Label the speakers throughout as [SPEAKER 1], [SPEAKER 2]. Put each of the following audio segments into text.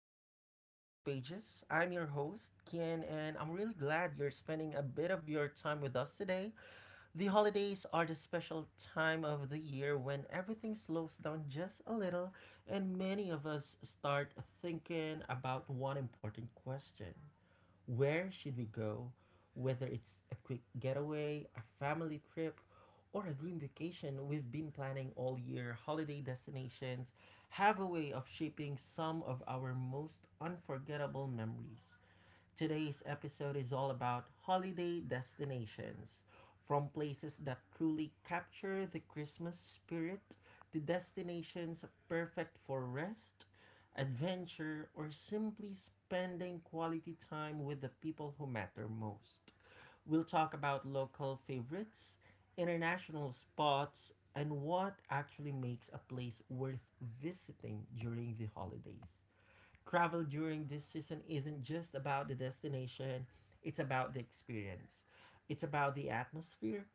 [SPEAKER 1] back to Kian's Pages. I'm your host, Kian, and I'm really glad you're spending a bit of your time with us today. The holidays are the special time of the year when everything slows down just a little, and many of us start thinking about one important question: where should we go? Whether it's a quick getaway, a family trip, or a dream vacation we've been planning all year, holiday destinations have a way of shaping some of our most unforgettable memories. Today's episode is all about holiday destinations. From places that truly capture the Christmas spirit to destinations perfect for rest, adventure, or simply spending quality time with the people who matter most. We'll talk about local favorites, international spots, and what actually makes a place worth visiting during the holidays. Travel during this season isn't just about the destination, it's about the experience. It's about the atmosphere,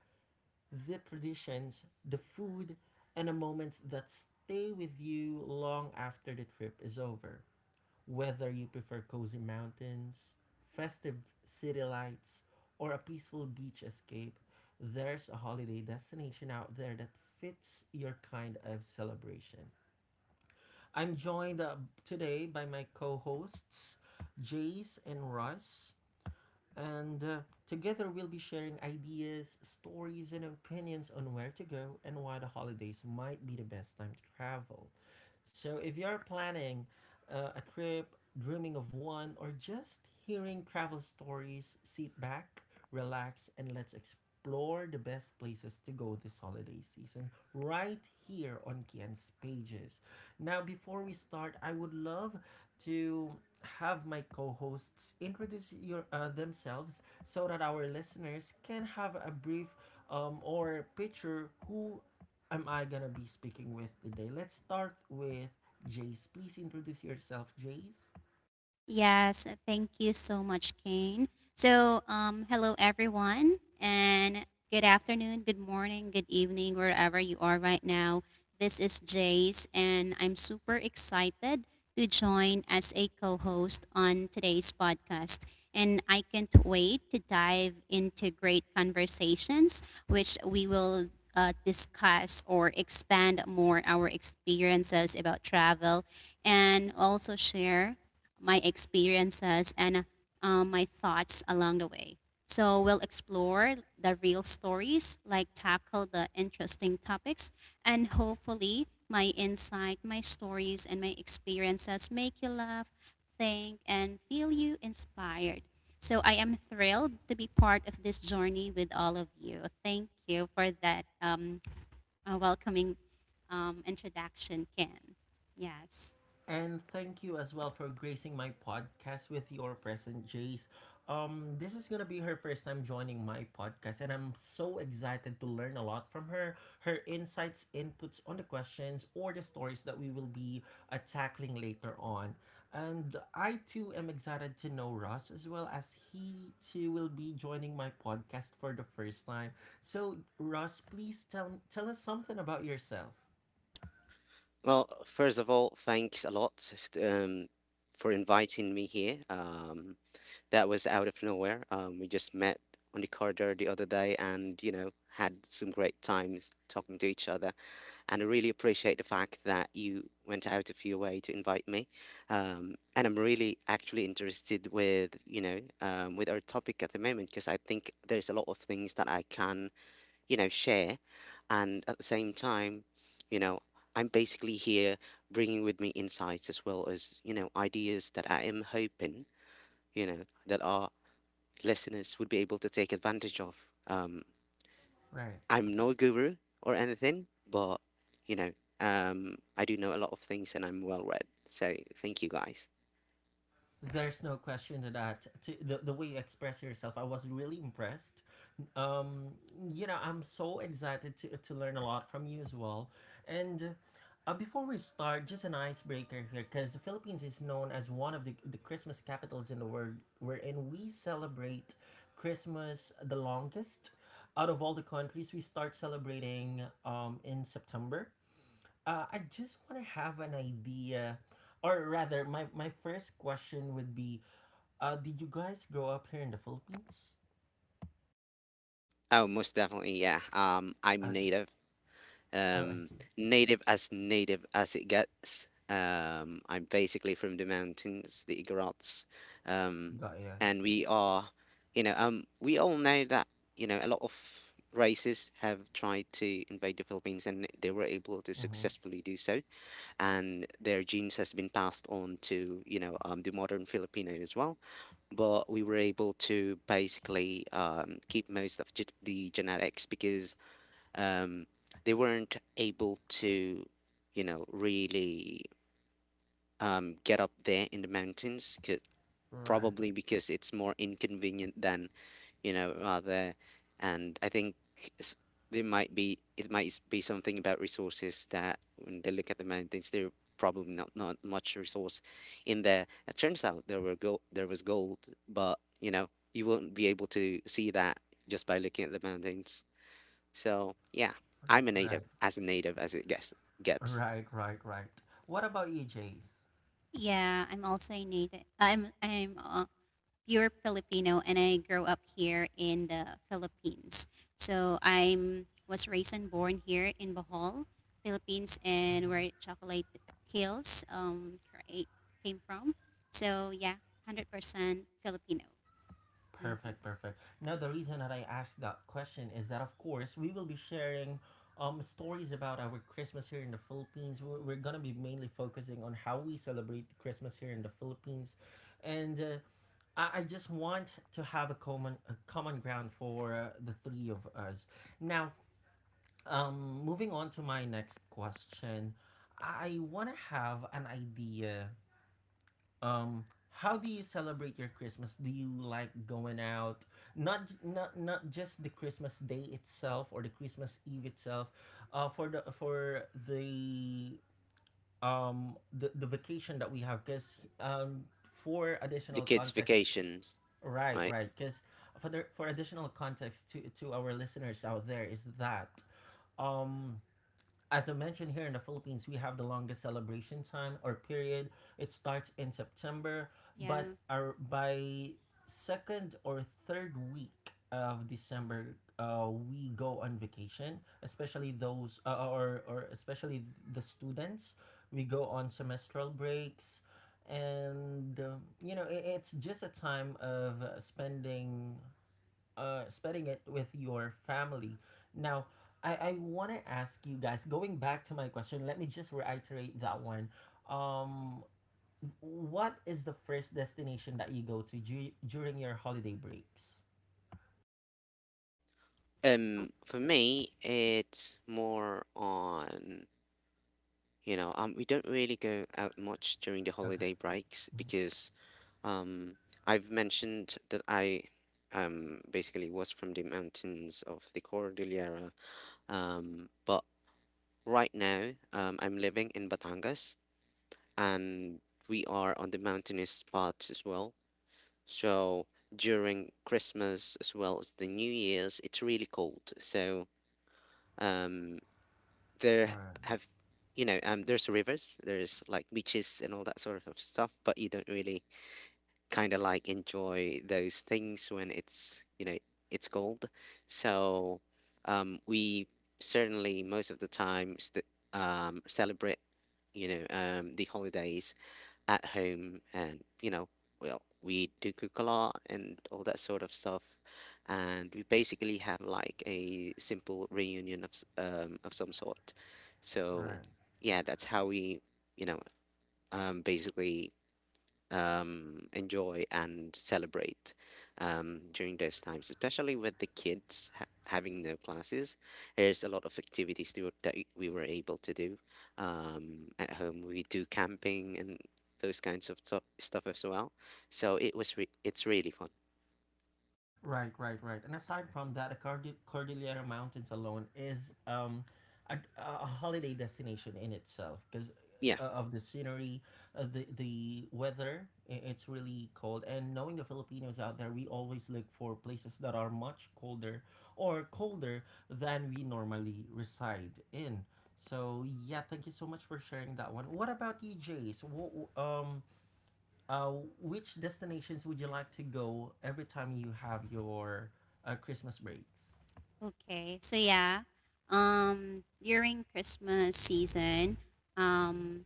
[SPEAKER 1] the traditions, the food, and the moments that stay with you long after the trip is over. Whether you prefer cozy mountains, festive city lights, or a peaceful beach escape, there's a holiday destination out there that fits your kind of celebration. I'm joined today by my co hosts, Jace and Russ, and together we'll be sharing ideas, stories, and opinions on where to go and why the holidays might be the best time to travel. So, if you're planning a trip, dreaming of one, or just hearing travel stories, sit back, relax, and let's explore the best places to go this holiday season right here on Kian's Pages. Now, before we start, I would love to have my co-hosts introduce your, themselves so that our listeners can have a brief or picture who am I gonna be speaking with today? Let's start with Jace. Please introduce yourself, Jace.
[SPEAKER 2] Yes, thank you so much, Kane. So, hello everyone, and good afternoon, good morning, good evening, wherever you are right now. This is Jace, and I'm super excited to join as a co host on today's podcast. And I can't wait to dive into great conversations, which we will discuss or expand more our experiences about travel and also share my experiences and my thoughts along the way. So we'll explore the real stories, like tackle the interesting topics, and hopefully my insight, my stories, and my experiences make you laugh, think, and feel you inspired. So I am thrilled to be part of this journey with all of you. Thank you for that welcoming introduction, Ken. Yes.
[SPEAKER 1] And thank you as well for gracing my podcast with your present, Jace. This is gonna be her first time joining my podcast, and I'm so excited to learn a lot from her. Her insights, inputs on the questions, or the stories that we will be tackling later on. And I too am excited to know Ross as well as he too will be joining my podcast for the first time. So, Ross, please tell us something about yourself.
[SPEAKER 3] Well, first of all, thanks a lot um, for inviting me here. That was out of nowhere. We just met on the corridor the other day and, you know, had some great times talking to each other. And I really appreciate the fact that you went out of your way to invite me. And I'm really actually interested with, you know, with our topic at the moment because I think there's a lot of things that I can share. And at the same time, you know, I'm basically here bringing with me insights as well as, ideas that I am hoping, you know, that our listeners would be able to take advantage of.
[SPEAKER 1] Right.
[SPEAKER 3] I'm no guru or anything, but, you know, I do know a lot of things and I'm well read. So thank you guys.
[SPEAKER 1] There's no question to that. To the way you express yourself, I was really impressed. Um, you know, I'm so excited to learn a lot from you as well. And before we start, just an icebreaker here, because the Philippines is known as one of the Christmas capitals in the world, wherein we celebrate Christmas the longest. Out of all the countries, we start celebrating in September. I just want to have an idea, or rather, my first question would be, did you guys grow up here in the Philippines?
[SPEAKER 3] Oh, most definitely, yeah. I'm
[SPEAKER 1] Okay. Oh, I
[SPEAKER 3] um,
[SPEAKER 1] see.
[SPEAKER 3] native as it gets. I'm basically from the mountains, the Igorots. um,
[SPEAKER 1] Got ya.
[SPEAKER 3] and we are, you know, we all know that a lot of races have tried to invade the Philippines, and they were able to
[SPEAKER 1] Mm-hmm.
[SPEAKER 3] successfully do so, and their genes has been passed on to the modern Filipino as well. But we were able to basically keep most of the genetics because um, they weren't able to, really get up there in the mountains,
[SPEAKER 1] Right,
[SPEAKER 3] probably because it's more inconvenient than, there. And I think s- there might be it might s- be something about resources that when they look at the mountains, there probably not much resource in there. It turns out there were gold, there was gold, but you won't be able to see that just by looking at the mountains. So yeah,
[SPEAKER 1] right,
[SPEAKER 3] I'm
[SPEAKER 1] right,
[SPEAKER 3] a native as it gets.
[SPEAKER 1] right, right, right. What about you, Jace?
[SPEAKER 2] Yeah, I'm also a native. I'm pure Filipino, and I grew up here in the Philippines. So I'm was raised and born here in Bohol, Philippines, and where Chocolate Hills came from. So yeah, 100% Filipino. Hmm.
[SPEAKER 1] Perfect, perfect. Now, the reason that I asked that question is that, of course, we will be sharing stories about our Christmas here in the Philippines. We're going to be mainly focusing on how we celebrate Christmas here in the Philippines. And I just want to have a common ground for the three of us. Now, moving on to my next question, I want to have an idea. Um, how do you celebrate your Christmas? Do you like going out? Not just the Christmas day itself or the Christmas Eve itself. For the the vacation that we have, because um, for
[SPEAKER 3] The
[SPEAKER 1] additional
[SPEAKER 3] kids'
[SPEAKER 1] context.
[SPEAKER 3] vacations,
[SPEAKER 1] Right,
[SPEAKER 3] right?
[SPEAKER 1] right. Because for additional context to our listeners out there is that um, as I mentioned, here in the Philippines, we have the longest celebration time or period. It starts in September, but
[SPEAKER 2] Yeah.
[SPEAKER 1] our by second or third week of December, we go on vacation. Especially those, or especially the students, we go on semestral breaks, and you know, it, it's just a time of spending spending it with your family. Now, I want to ask you guys, going back to my question, let me just reiterate that one. Um, what is the first destination that you go to during your holiday breaks?
[SPEAKER 2] O-
[SPEAKER 3] For me, it's more on we don't really go out much during the
[SPEAKER 1] Okay.
[SPEAKER 3] holiday breaks because um, I've mentioned that I basically was from the mountains of the Cordillera. But right now I'm living in Batangas, and we are on the mountainous parts as well. So during Christmas as well as the New Year's, it's really cold. So um, there
[SPEAKER 1] Right,
[SPEAKER 3] have, there's rivers, there's like beaches and all that sort of stuff, but you don't really kind of like enjoy those things when it's, it's cold. So we certainly most of the time st celebrate, the holidays at home. And well, we do cook a lot and all that sort of stuff, and we basically have like a simple reunion of of some sort. So
[SPEAKER 1] right.
[SPEAKER 3] yeah, that's how we you know basically enjoy and celebrate during those times, especially with the kids having no classes. There's a lot of activities we were able to do at home. We do camping and those kinds of stuff as well. So it's really fun.
[SPEAKER 1] Right, right, right. And aside from that, the Cordillera Mountains alone is a holiday destination in itself because
[SPEAKER 3] Yeah,
[SPEAKER 1] of the scenery, the weather. It's really cold, and knowing the Filipinos out there, we always look for places that are much colder or colder than we normally reside in. So yeah, thank you so much for sharing that one. What about you, Jace? What, uh, which destinations would you like to go every time you have your Christmas breaks?
[SPEAKER 2] Okay. So yeah, during Christmas season, um,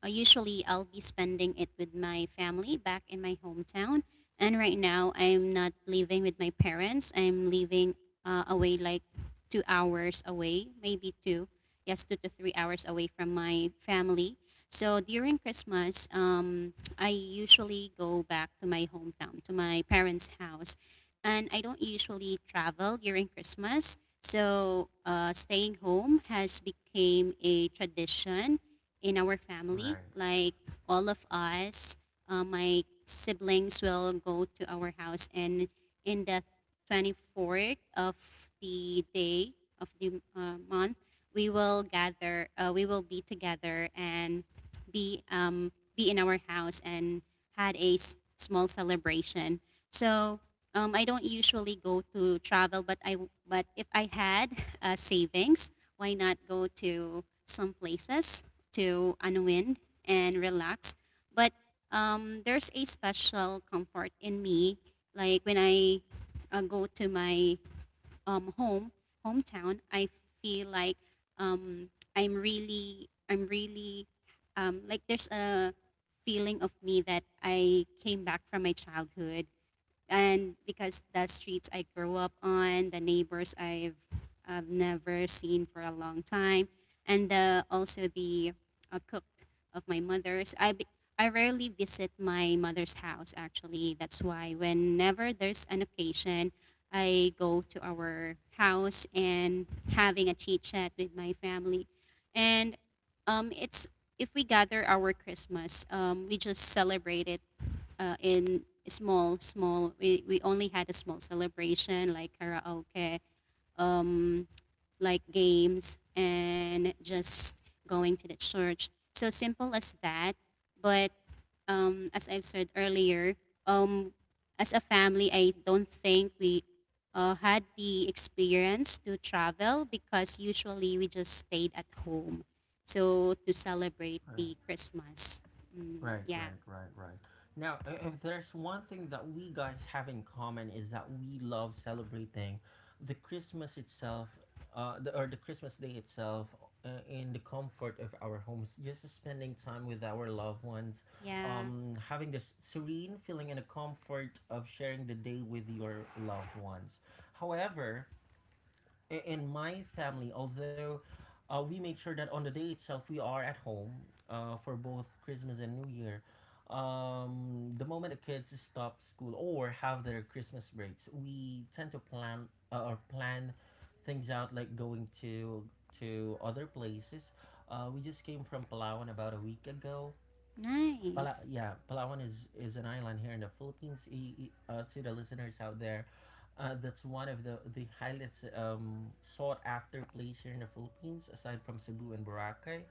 [SPEAKER 2] Usually, I'll be spending it with my family back in my hometown. And right now, I'm not living with my parents. I'm living away, like 2 hours away, maybe two. Yes, 2 to 3 hours away from my family. So during Christmas, I usually go back to my hometown, to my parents' house. And I don't usually travel during Christmas. So staying home has become a tradition in our family.
[SPEAKER 1] Right,
[SPEAKER 2] Like all of us, my siblings will go to our house, and in the 24th of the day of the month, we will gather. We will be together and be um, be in our house and had a small celebration. So I don't usually go to travel, but I but if I had savings, why not go to some places to unwind and relax? But there's a special comfort in me, like when I go to my um, home hometown, I feel like um, I'm really like there's a feeling of me that I came back from my childhood, and because the streets I grew up on, the neighbors I've never seen for a long time, and also the cook of my mother's. I rarely visit my mother's house actually. That's why whenever there's an occasion, I go to our house and having a chit chat with my family, and it's if we gather our Christmas, we just celebrate it in small, small. We only had a small celebration like karaoke, um, like games, and just going to the church. So simple as that. But as I've said earlier, um, as a family, I don't think we had the experience to travel because usually we just stayed at home. So to celebrate
[SPEAKER 1] right,
[SPEAKER 2] the Christmas. Mm,
[SPEAKER 1] right,
[SPEAKER 2] yeah.
[SPEAKER 1] right, right, right. Now, if there's one thing that we guys have in common is that we love celebrating the Christmas itself, the, or the Christmas day itself, in the comfort of our homes, just spending time with our loved ones,
[SPEAKER 2] Yeah.
[SPEAKER 1] having this serene feeling and a comfort of sharing the day with your loved ones. However, in my family, although we make sure that on the day itself we are at home for both Christmas and New Year, the moment the kids stop school or have their Christmas breaks, we tend to plan or plan things out like going to other places. We just came from Palawan about a week ago.
[SPEAKER 2] Nice.
[SPEAKER 1] Yeah, Palawan is an island here in the Philippines. Uh, to the listeners out there, that's one of the highlights sought after place here in the Philippines, aside from Cebu and Boracay.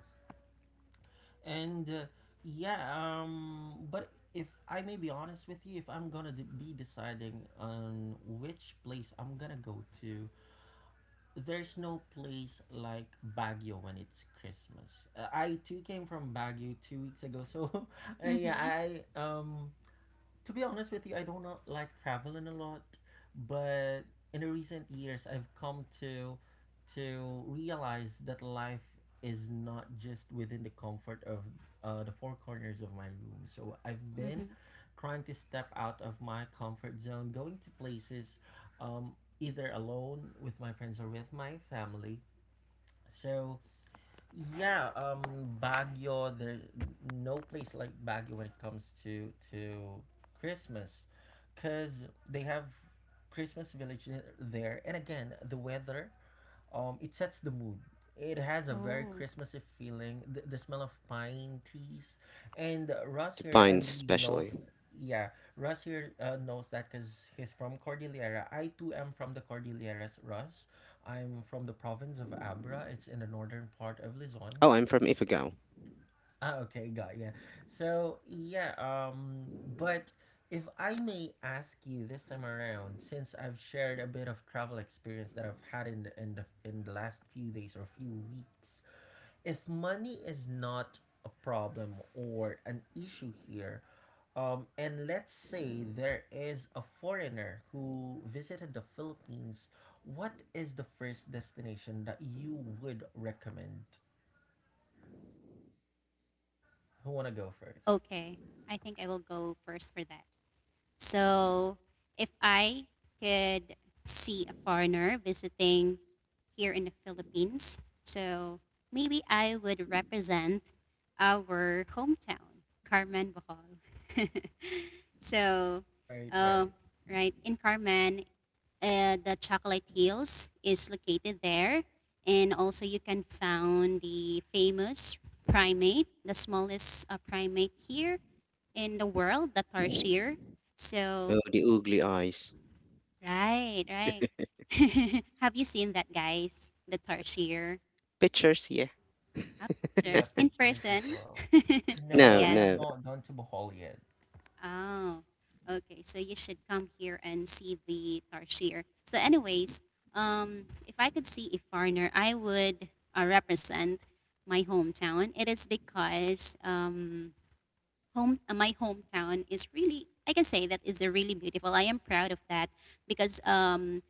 [SPEAKER 1] And yeah, but if I may be honest with you, if I'm gonna be deciding on which place I'm gonna go to, there's no place like Baguio when it's Christmas. I too came from Baguio 2 weeks ago, so yeah,
[SPEAKER 2] Mm-hmm.
[SPEAKER 1] I um, to be honest with you, I don't know, like traveling a lot, but in the recent years, I've come to realize that life is not just within the comfort of the four corners of my room. So I've been
[SPEAKER 2] Mm-hmm.
[SPEAKER 1] trying to step out of my comfort zone, going to places, um, either alone with my friends or with my family. So yeah, Baguio. There, no place like Baguio when it comes to Christmas, cause they have Christmas village there. And again, the weather it sets the mood. It has a very
[SPEAKER 2] Oh,
[SPEAKER 1] Christmassy feeling, the smell of pine trees. And Russ
[SPEAKER 3] the
[SPEAKER 1] here, I
[SPEAKER 3] pines
[SPEAKER 1] believe,
[SPEAKER 3] especially.
[SPEAKER 1] knows. Yeah, Russ here knows that because he's from Cordillera. I too am from the Cordilleras, Russ. I'm from the province of Abra. It's in the northern part of Luzon.
[SPEAKER 3] Oh, I'm from Ifugao.
[SPEAKER 1] Ah, okay, got ya. So yeah, but if I may ask you this time around, since I've shared a bit of travel experience that I've had in in the last few days or few weeks, if money is not a problem or an issue here, and let's say there is a foreigner who visited the Philippines, what is the first destination that you would recommend? Who wanna go first?
[SPEAKER 2] okay. I think I will go first for that. So, if I could see a foreigner visiting here in the Philippines, so maybe I would represent our hometown, Carmen Bohol. So,
[SPEAKER 1] Right,
[SPEAKER 2] uh,
[SPEAKER 1] right.
[SPEAKER 2] right in Carmen, the Chocolate Hills is located there. And also you can find the famous primate, the smallest primate here in the world, the tarsier.
[SPEAKER 3] Oh,
[SPEAKER 2] So,
[SPEAKER 3] the ugly eyes.
[SPEAKER 2] right, right. Have you seen that, guys? The tarsier?
[SPEAKER 3] Pictures, yeah.
[SPEAKER 2] Ah,
[SPEAKER 1] Yeah,
[SPEAKER 2] Pictures in
[SPEAKER 1] pictures as
[SPEAKER 2] person?
[SPEAKER 1] well.
[SPEAKER 2] Not
[SPEAKER 1] No,
[SPEAKER 3] No,
[SPEAKER 1] I
[SPEAKER 2] yet.
[SPEAKER 1] have
[SPEAKER 3] no.
[SPEAKER 1] not done to Bohol yet.
[SPEAKER 2] Oh, okay. So you should come here and see the tarsier. So, anyways, if I could see a foreigner, I would represent my hometown. It is because home my hometown is really I can say that is a really beautiful. I am proud of that because um,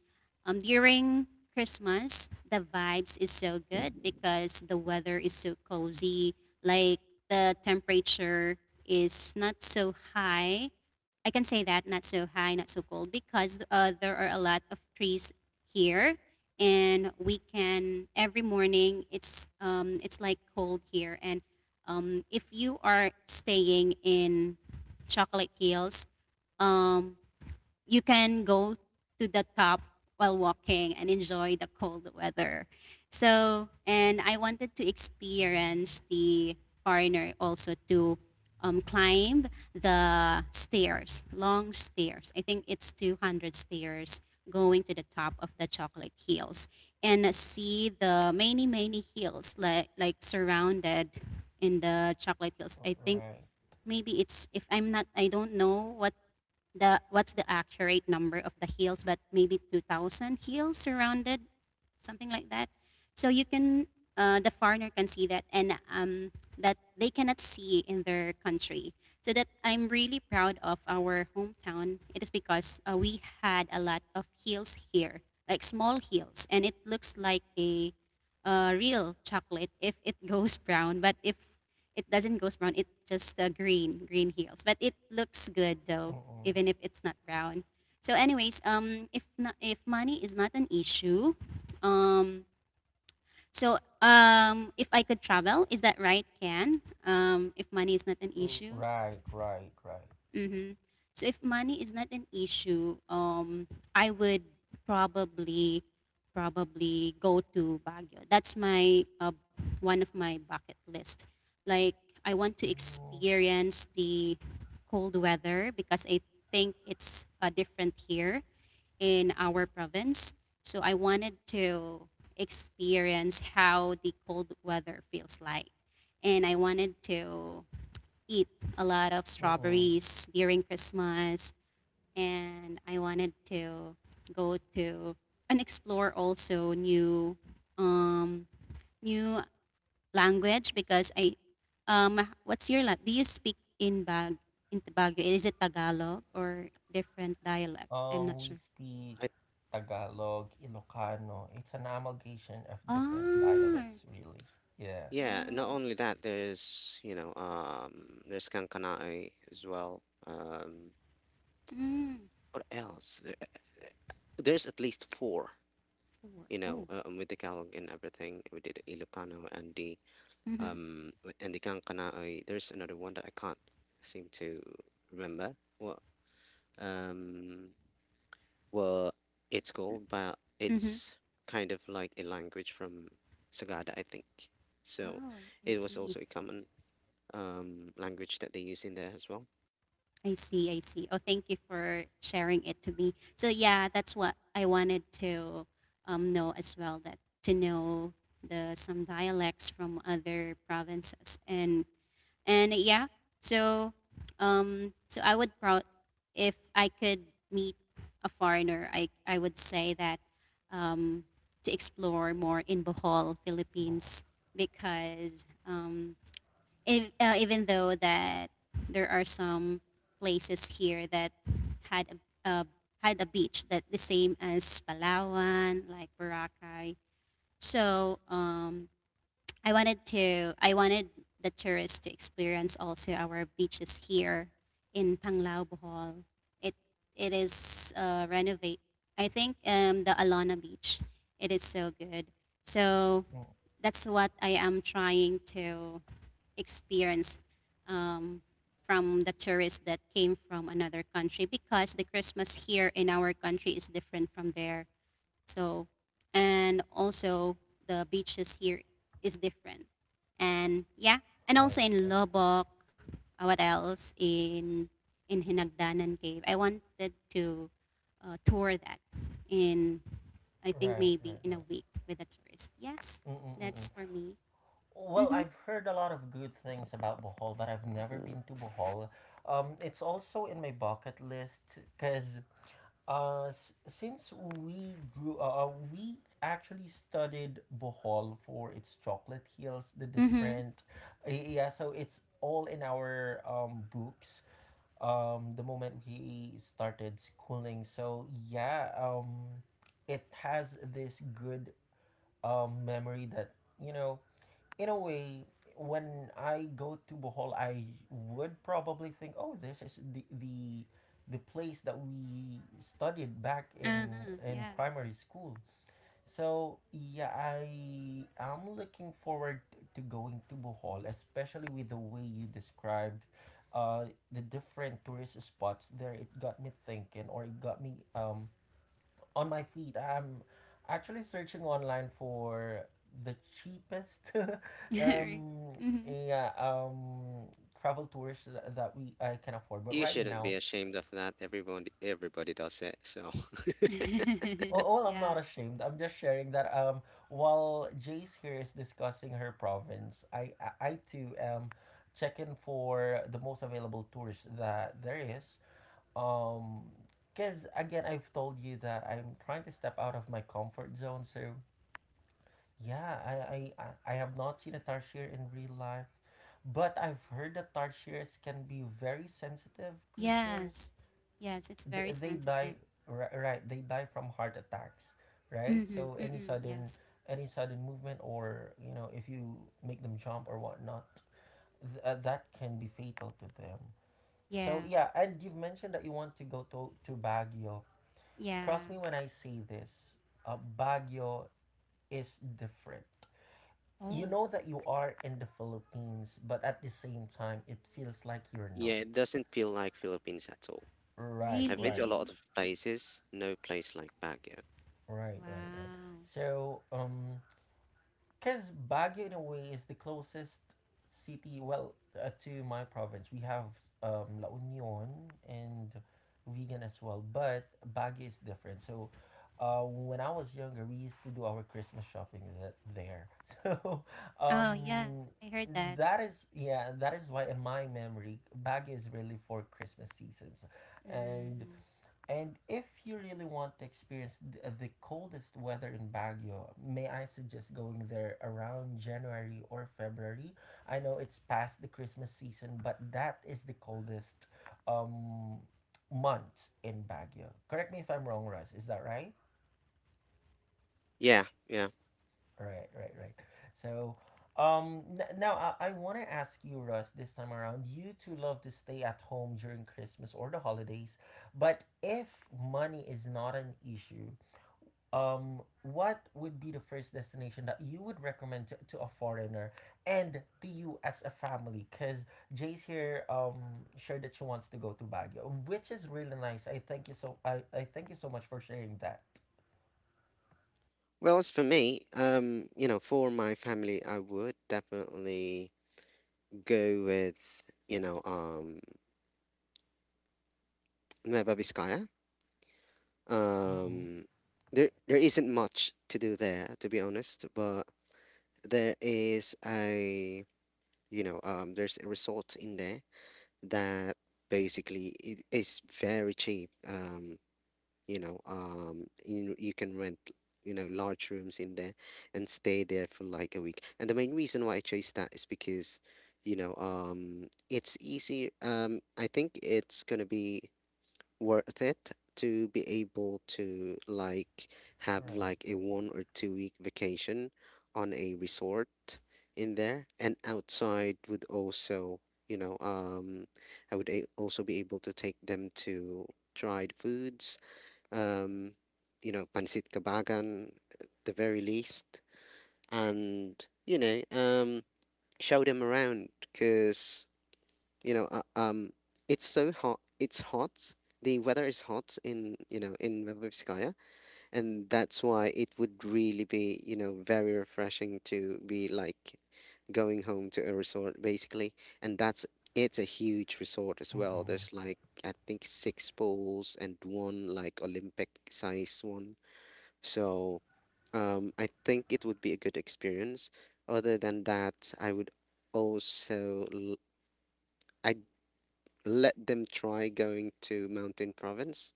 [SPEAKER 2] um, during Christmas the vibes is so good because the weather is so cozy. Like the temperature is not so high. I can say that not so high, not so cold because there are a lot of trees here, and we can every morning it's like cold here, and if you are staying in Chocolate Hills, you can go to the top while walking and enjoy the cold weather. So, and I wanted to experience the foreigner also to climb the stairs, long stairs. I think it's 200 stairs going to the top of the chocolate hills and see the many, many hills like surrounded in the chocolate hills.
[SPEAKER 1] R-
[SPEAKER 2] I think
[SPEAKER 1] Right.
[SPEAKER 2] maybe it's, if I'm not, I don't know what the what's the accurate number of the hills, but maybe 2,000 hills surrounded, something like that. So you can the foreigner can see that and that they cannot see in their country. So that I'm really proud of our hometown. It is because we had a lot of hills here, like small hills, and it looks like a real chocolate if it goes brown. But if it doesn't go brown, it just green, green heels. But it looks good though,
[SPEAKER 1] Mm-mm.
[SPEAKER 2] even if it's not brown. So, anyways, if money is not an issue, um, so if I could travel, is that right, Ken? If money is not an
[SPEAKER 1] R-
[SPEAKER 2] issue,
[SPEAKER 1] Right, right, right.
[SPEAKER 2] So if money is not an issue, I would probably probably go to Baguio. That's my one of my bucket list. Like I want to
[SPEAKER 1] Mm,
[SPEAKER 2] experience the cold weather because I think it's different here in our province. So I wanted to experience how the cold weather feels like. And I wanted to eat a lot of
[SPEAKER 1] mm-mm.
[SPEAKER 2] strawberries during Christmas, and I wanted to go to and explore also um, new language because I do you speak in Baguio? Is it Tagalog or different dialect? I'm not
[SPEAKER 1] We
[SPEAKER 2] sure.
[SPEAKER 1] speak
[SPEAKER 3] I
[SPEAKER 1] Tagalog, Ilocano. It's an amalgamation of different
[SPEAKER 2] Ah.
[SPEAKER 1] dialects, really. Yeah,
[SPEAKER 3] Yeah, not
[SPEAKER 2] Oh.
[SPEAKER 3] only that, there's, there's Kankanae as well.
[SPEAKER 2] Mm.
[SPEAKER 3] What else? There's at least four,
[SPEAKER 2] Four. Oh.
[SPEAKER 3] with the Kalog and everything. We did Ilocano and
[SPEAKER 2] Mm-hmm,
[SPEAKER 3] and the Kankanae. There's another one that I can't seem to remember um what it's called, but
[SPEAKER 2] mm-hmm.
[SPEAKER 3] it's kind of like a language from Sagada, I think. So
[SPEAKER 2] Oh, I
[SPEAKER 3] it was
[SPEAKER 2] see.
[SPEAKER 3] also a common language that they use in there as well.
[SPEAKER 2] I see, I see. Oh, thank you for sharing it to me. So yeah, that's what I wanted to know as well. That to know the some dialects from other provinces and yeah. So so I would proud if I could meet a foreigner. I would say that um, to explore more in Bohol,
[SPEAKER 1] Bohol.
[SPEAKER 2] Philippines, because if, even though that there are some places here that had a, uh, had a beach that the same as Palawan, like Boracay. So I wanted the tourists to experience also our beaches here in Panglao Bohol. It it is renovate. I think the Alona Beach. It is so good. So
[SPEAKER 1] Mm,
[SPEAKER 2] that's what I am trying to experience um, from the tourists that came from another country because the Christmas here in our country is different from there. So, and also the beaches here is different. And yeah, and also
[SPEAKER 1] right,
[SPEAKER 2] in
[SPEAKER 1] right,
[SPEAKER 2] Lobok, what else in Hinagdanan Cave? I wanted to tour that in I think
[SPEAKER 1] right,
[SPEAKER 2] maybe
[SPEAKER 1] right,
[SPEAKER 2] in a
[SPEAKER 1] right.
[SPEAKER 2] week with a tourist. Yes,
[SPEAKER 1] Mm-mm-mm.
[SPEAKER 2] that's for me.
[SPEAKER 1] Well,
[SPEAKER 2] Mhm.
[SPEAKER 1] I've heard a lot of good things about Bohol, but I've never been to Bohol. It's also in my bucket list because since we grew, we actually studied Bohol for its chocolate hills, the
[SPEAKER 2] Mhm.
[SPEAKER 1] different, yeah. So it's all in our books, the moment we started schooling. So yeah, it has this good memory that you know, in a way, when I go to Bohol, I would probably think, oh, this is the place that we studied back
[SPEAKER 2] Uh
[SPEAKER 1] in
[SPEAKER 2] huh. Yeah.
[SPEAKER 1] primary school. So yeah, I am looking forward to going to Bohol, especially with the way you described the different tourist spots there. It got me thinking, or it got me on my feed. I'm actually searching online for the cheapest
[SPEAKER 2] Right.
[SPEAKER 1] um
[SPEAKER 2] Mhm.
[SPEAKER 1] yeah travel tours that we I can afford. But
[SPEAKER 3] You
[SPEAKER 1] right
[SPEAKER 3] shouldn't be
[SPEAKER 1] now,
[SPEAKER 3] ashamed of that. Everyone, everybody does it. So,
[SPEAKER 1] oh, well, I'm not
[SPEAKER 2] Yeah.
[SPEAKER 1] ashamed. I'm just sharing that while Jace here is discussing her province, I too am checking for the most available tours that there is. Um because again I've told you that I'm trying to step out of my comfort zone. So yeah, I have not seen a tarsier in real life, but I've heard that tarsiers can be very sensitive
[SPEAKER 2] Yes.
[SPEAKER 1] creatures.
[SPEAKER 2] Yes. It's
[SPEAKER 1] They,
[SPEAKER 2] very
[SPEAKER 1] they
[SPEAKER 2] sensitive.
[SPEAKER 1] die, right, right, they die from heart attacks, right?
[SPEAKER 2] Mhm.
[SPEAKER 1] So
[SPEAKER 2] Mm-mm. Yes.
[SPEAKER 1] any sudden movement or, if you make them jump or whatnot, that can be fatal to them. So
[SPEAKER 2] Yeah.
[SPEAKER 1] yeah, and you've mentioned that you want to go to Baguio.
[SPEAKER 2] Yeah.
[SPEAKER 1] Trust me when I say this, Baguio is different. You
[SPEAKER 2] Oh,
[SPEAKER 1] know that you are in the Philippines, but at the same time, it feels like you're
[SPEAKER 3] yeah, it
[SPEAKER 1] not.
[SPEAKER 3] doesn't feel like Philippines at all.
[SPEAKER 1] Right,
[SPEAKER 3] I've been to a
[SPEAKER 1] right,
[SPEAKER 3] lot
[SPEAKER 2] really?
[SPEAKER 3] of places, no place like Baguio.
[SPEAKER 1] right, right, right.
[SPEAKER 2] Wow.
[SPEAKER 1] So, um, Because Baguio, in a way, is the closest city, well, to my province. We have La Union and vegan as well, but Baguio is different. So, when I was younger, we used to do our Christmas shopping there. So,
[SPEAKER 2] Oh, yeah.
[SPEAKER 1] um,
[SPEAKER 2] I heard that.
[SPEAKER 1] that is yeah, that is why in my memory, Baguio is really for Christmas seasons. and
[SPEAKER 2] Mm,
[SPEAKER 1] and if you really want to experience the coldest weather in Baguio, may I suggest going there around January or February? I know it's past the Christmas season, but that is the coldest um month in Baguio. Correct me if I'm wrong, Russ. Is that right?
[SPEAKER 3] Yeah, yeah.
[SPEAKER 1] Right, right, right. So, now I want to ask you, Russ, this time around. You two love to stay at home during Christmas or the holidays, but if money is not an issue, what would be the first destination that you would recommend to a foreigner and to you as a family? Because Jay's here shared that she wants to go to Baguio, which is really nice. I thank you so much for sharing that.
[SPEAKER 3] Well, as for me, for my family, I would definitely go with, you know, um, Nueva Vizcaya.
[SPEAKER 1] Mm-mm.
[SPEAKER 3] Um, there isn't much to do there, to be honest, but there is a, you know, there's a resort in there that basically it is very cheap. You can rent, you know, large rooms in there and stay there for like a week. And the main reason why I chose that is because, it's easy. I think it's gonna be worth it to be able to like have
[SPEAKER 1] Right.
[SPEAKER 3] like a 1 or 2 week vacation on a resort in there. And outside would also you know um also be able to take them to tried foods, um you know, pancit kabagan at the very least. And you know um show them around because you know uh, um it's so hot, it's hot. The weather is hot in, you know, in Vrbovskaya, and that's why it would really be, very refreshing to be like going home to a resort basically. And that's it's a huge resort as well.
[SPEAKER 1] Mm-mm.
[SPEAKER 3] There's like, I think, six pools and one like Olympic size one. So I think it would be a good experience. Other than that, I would also l- I let them try going to mountain province,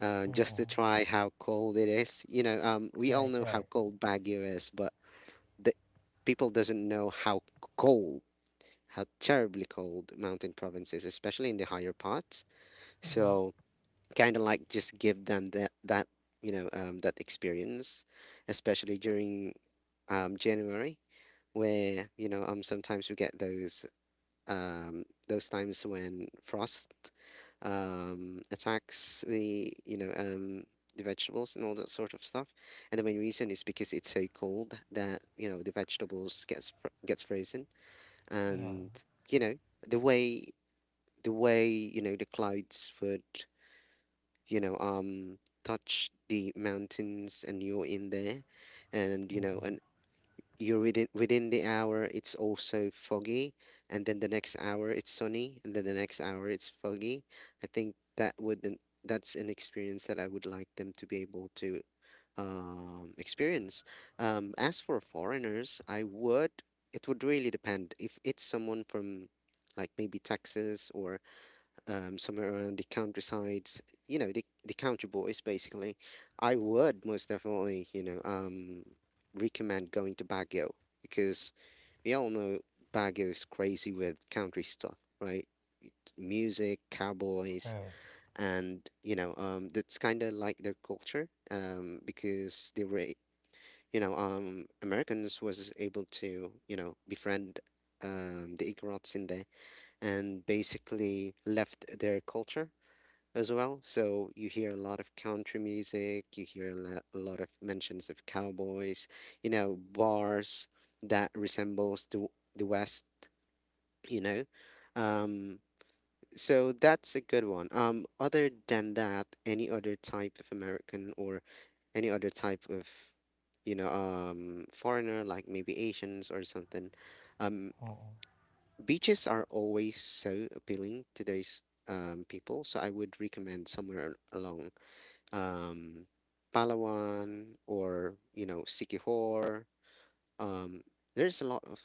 [SPEAKER 3] just
[SPEAKER 1] Mm-mm.
[SPEAKER 3] to try how cold it is. We all
[SPEAKER 1] Right,
[SPEAKER 3] know how
[SPEAKER 1] right.
[SPEAKER 3] cold Baguio is, but the people doesn't know how cold, how terribly cold mountain province is, especially in the higher parts.
[SPEAKER 1] Mm-hmm.
[SPEAKER 3] So kind of like just give them that, that experience, especially during January, where sometimes we get those times when frost attacks the you know the vegetables and all that sort of stuff. And the main reason is because it's so cold that the vegetables gets frozen.
[SPEAKER 1] Yeah.
[SPEAKER 3] And you know the way the way the clouds would you know um touch the mountains, and you're in there, and you know
[SPEAKER 1] Mm-mm.
[SPEAKER 3] and you're within the hour it's also foggy, and then the next hour it's sunny, and then the next hour it's foggy. I think that's an experience that I would like them to be able to experience. As for foreigners, I would it would really depend if it's someone from like maybe Texas or somewhere around the countrysides, you know, the country boys, basically. I would most definitely, recommend going to Baguio because we all know Baguio is crazy with country stuff, right? Music, cowboys,
[SPEAKER 1] Right.
[SPEAKER 3] and that's kind of like their culture. Because they were, Americans was able to, you know, befriend the Igorots in there and basically left their culture as well. So you hear a lot of country music, you hear a lot of mentions of cowboys, you know, bars that resembles to the West, you know. Um, so that's a good one. Other than that, any other type of American or any other type of, foreigner like maybe Asians or something, um,
[SPEAKER 1] Mm-mm.
[SPEAKER 3] beaches are always so appealing to those people. So I would recommend somewhere along um, Palawan or you know Sikihor. Um, there's a lot of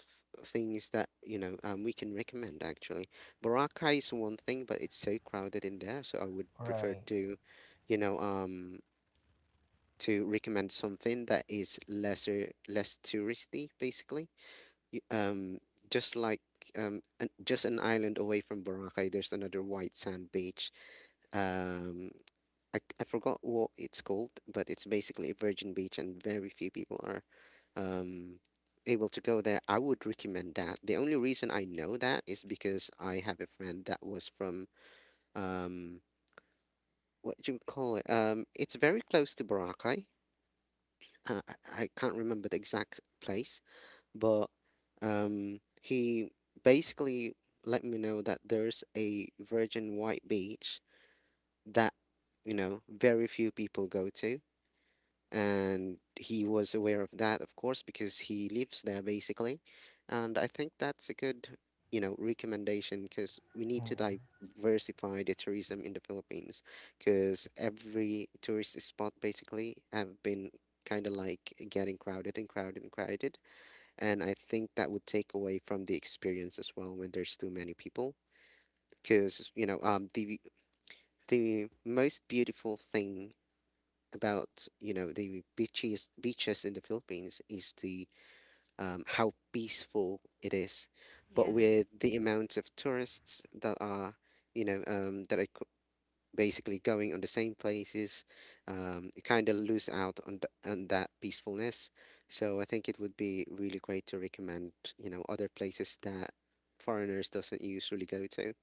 [SPEAKER 3] things that we can recommend actually. Boracay is one thing, but it's so crowded in there, so I would prefer
[SPEAKER 1] Right.
[SPEAKER 3] you know, um, to recommend something that is less touristy basically. Y- Um, just like just an island away from Boracay, there's another white sand beach. Um, I forgot what it's called, but it's basically a virgin beach, and very few people are um, able to go there. I would recommend that. The only reason I know that is because I have a friend that was from um, what do you call it? It's very close to Boracay. Uh, I can't remember the exact place, but he basically let me know that there's a virgin white beach that very few people go to. And he was aware of that, of course, because he lives there basically. And I think that's a good, you know, recommendation because we need to
[SPEAKER 1] Mm-mm.
[SPEAKER 3] diversify the tourism in the Philippines because every tourist spot basically have been kind of like getting crowded and crowded and crowded. And I think that would take away from the experience as well when there's too many people. Because, the most beautiful thing about the beaches in the Philippines is the how peaceful it is, but
[SPEAKER 2] yeah.
[SPEAKER 3] with the amount of tourists that are you know um, that are co- basically going on the same places, you kind of lose out on on that peacefulness. So I think it would be really great to recommend other places that foreigners doesn't usually go to,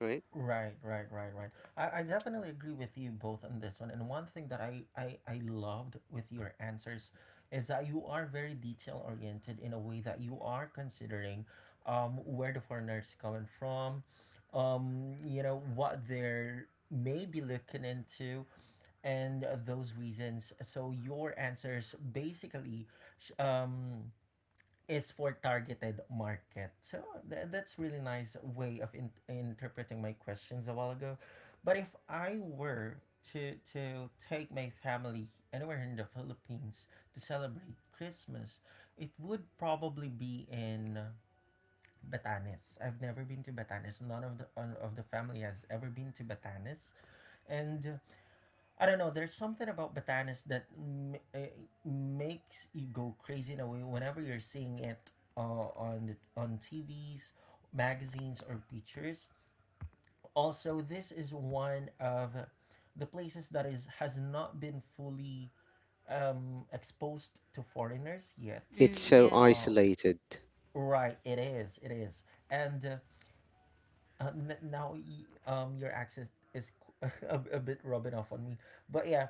[SPEAKER 3] right?
[SPEAKER 1] Right, right, right, right. I definitely agree with you both on this one. And one thing that I loved with your answers is that you are very detail oriented in a way that you are considering where the foreigner is coming from, you know, what they're maybe looking into, and those reasons. So your answers basically sh- um, is for targeted market. So that's really nice way of interpreting my questions a while ago. But if I were to take my family anywhere in the Philippines to celebrate Christmas, it would probably be in Batanes. I've never been to Batanes. None of the of the family has ever been to Batanes, and I don't know. There's something about Batanes that makes you go crazy in a way whenever you're seeing it uh, on the, on TVs, magazines, or pictures. Also, this is one of the places that is has not been fully exposed to foreigners yet.
[SPEAKER 3] It's
[SPEAKER 2] Mm,
[SPEAKER 3] so
[SPEAKER 2] yeah.
[SPEAKER 1] Uh,
[SPEAKER 3] isolated.
[SPEAKER 1] right, it is. It is, and now your accent is a bit rubbing off on me. But yeah,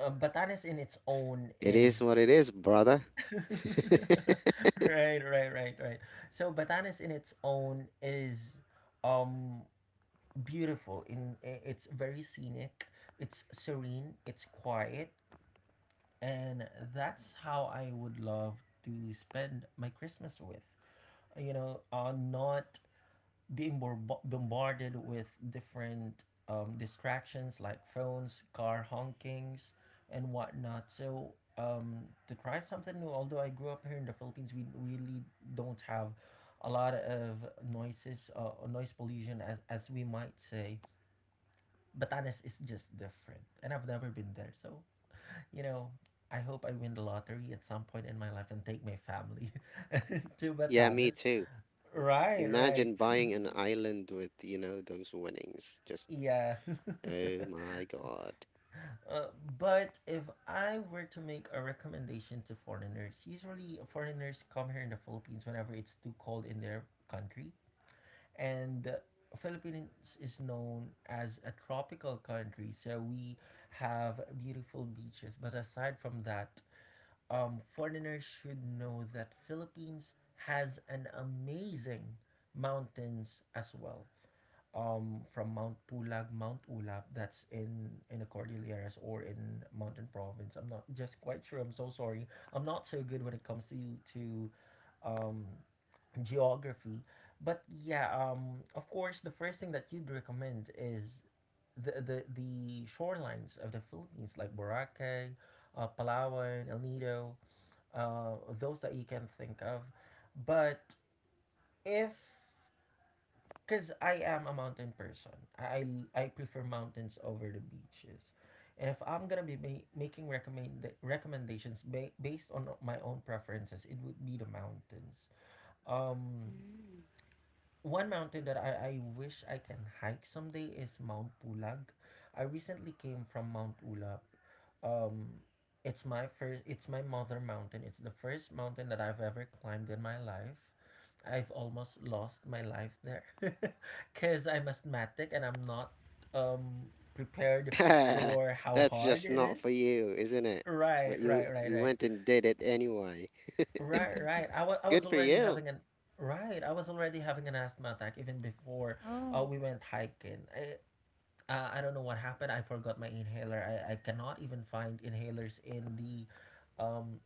[SPEAKER 1] Batanes in its own
[SPEAKER 3] It is
[SPEAKER 1] is
[SPEAKER 3] what it is, brother.
[SPEAKER 1] right, right, right, right. So Batanes in its own is um beautiful. It's very scenic, it's serene, it's quiet, and that's how I would love to spend my Christmas with. You know, not being bombarded with different distractions like phones, car honkings, and whatnot. So to try something new, although I grew up here in the Philippines, we really don't have a lot of noises, or noise pollution, as we might say. Batanes is just different, and I've never been there. So you know, I hope I win the lottery at some point in my life and take my family to
[SPEAKER 3] Yeah, me
[SPEAKER 1] Batanes.
[SPEAKER 3] too. W-
[SPEAKER 1] Right, right.
[SPEAKER 3] Imagine buying an island with, those winnings. Just,
[SPEAKER 1] Yeah.
[SPEAKER 3] oh my God.
[SPEAKER 1] uh, but if I were to make a recommendation to foreigners, usually foreigners come here in the Philippines whenever it's too cold in their country. And Philippines is known as a tropical country, so we have beautiful beaches. But aside from that, foreigners should know that Philippines has an amazing mountains as well, from Mount Pulag, Mount Ulap, that's in the Cordilleras or in Mountain Province. I'm not just quite sure. I'm so sorry. I'm not so good when it comes to um, geography. But yeah, of course, the first thing that you'd recommend is the shorelines of the Philippines, like Boracay, Palawan, El Nido, those that you can think of. But if because I am a mountain person. I, I prefer mountains over the beaches. And if I'm going to be making recommendations based on my own preferences, it would be the mountains. Um, one mountain that I wish I can hike someday is Mount Pulag. I recently came from Mount Ulap. Um, it's my mother mountain. It's the first mountain that I've ever climbed in my life. I've almost lost my life there because I'm asthmatic and I'm not prepared for how
[SPEAKER 3] That's
[SPEAKER 1] hard
[SPEAKER 3] just
[SPEAKER 1] it
[SPEAKER 3] not for
[SPEAKER 1] is.
[SPEAKER 3] you, isn't it?
[SPEAKER 1] Right,
[SPEAKER 3] But you
[SPEAKER 1] right, right,
[SPEAKER 3] you
[SPEAKER 1] right.
[SPEAKER 3] went and did it anyway.
[SPEAKER 1] Right, right. I was
[SPEAKER 3] Good for
[SPEAKER 1] already
[SPEAKER 3] you.
[SPEAKER 1] having an right. I was already having an asthma attack even before
[SPEAKER 2] Oh.
[SPEAKER 1] we went hiking. I don't know what happened. I forgot my inhaler. I cannot even find inhalers in the um,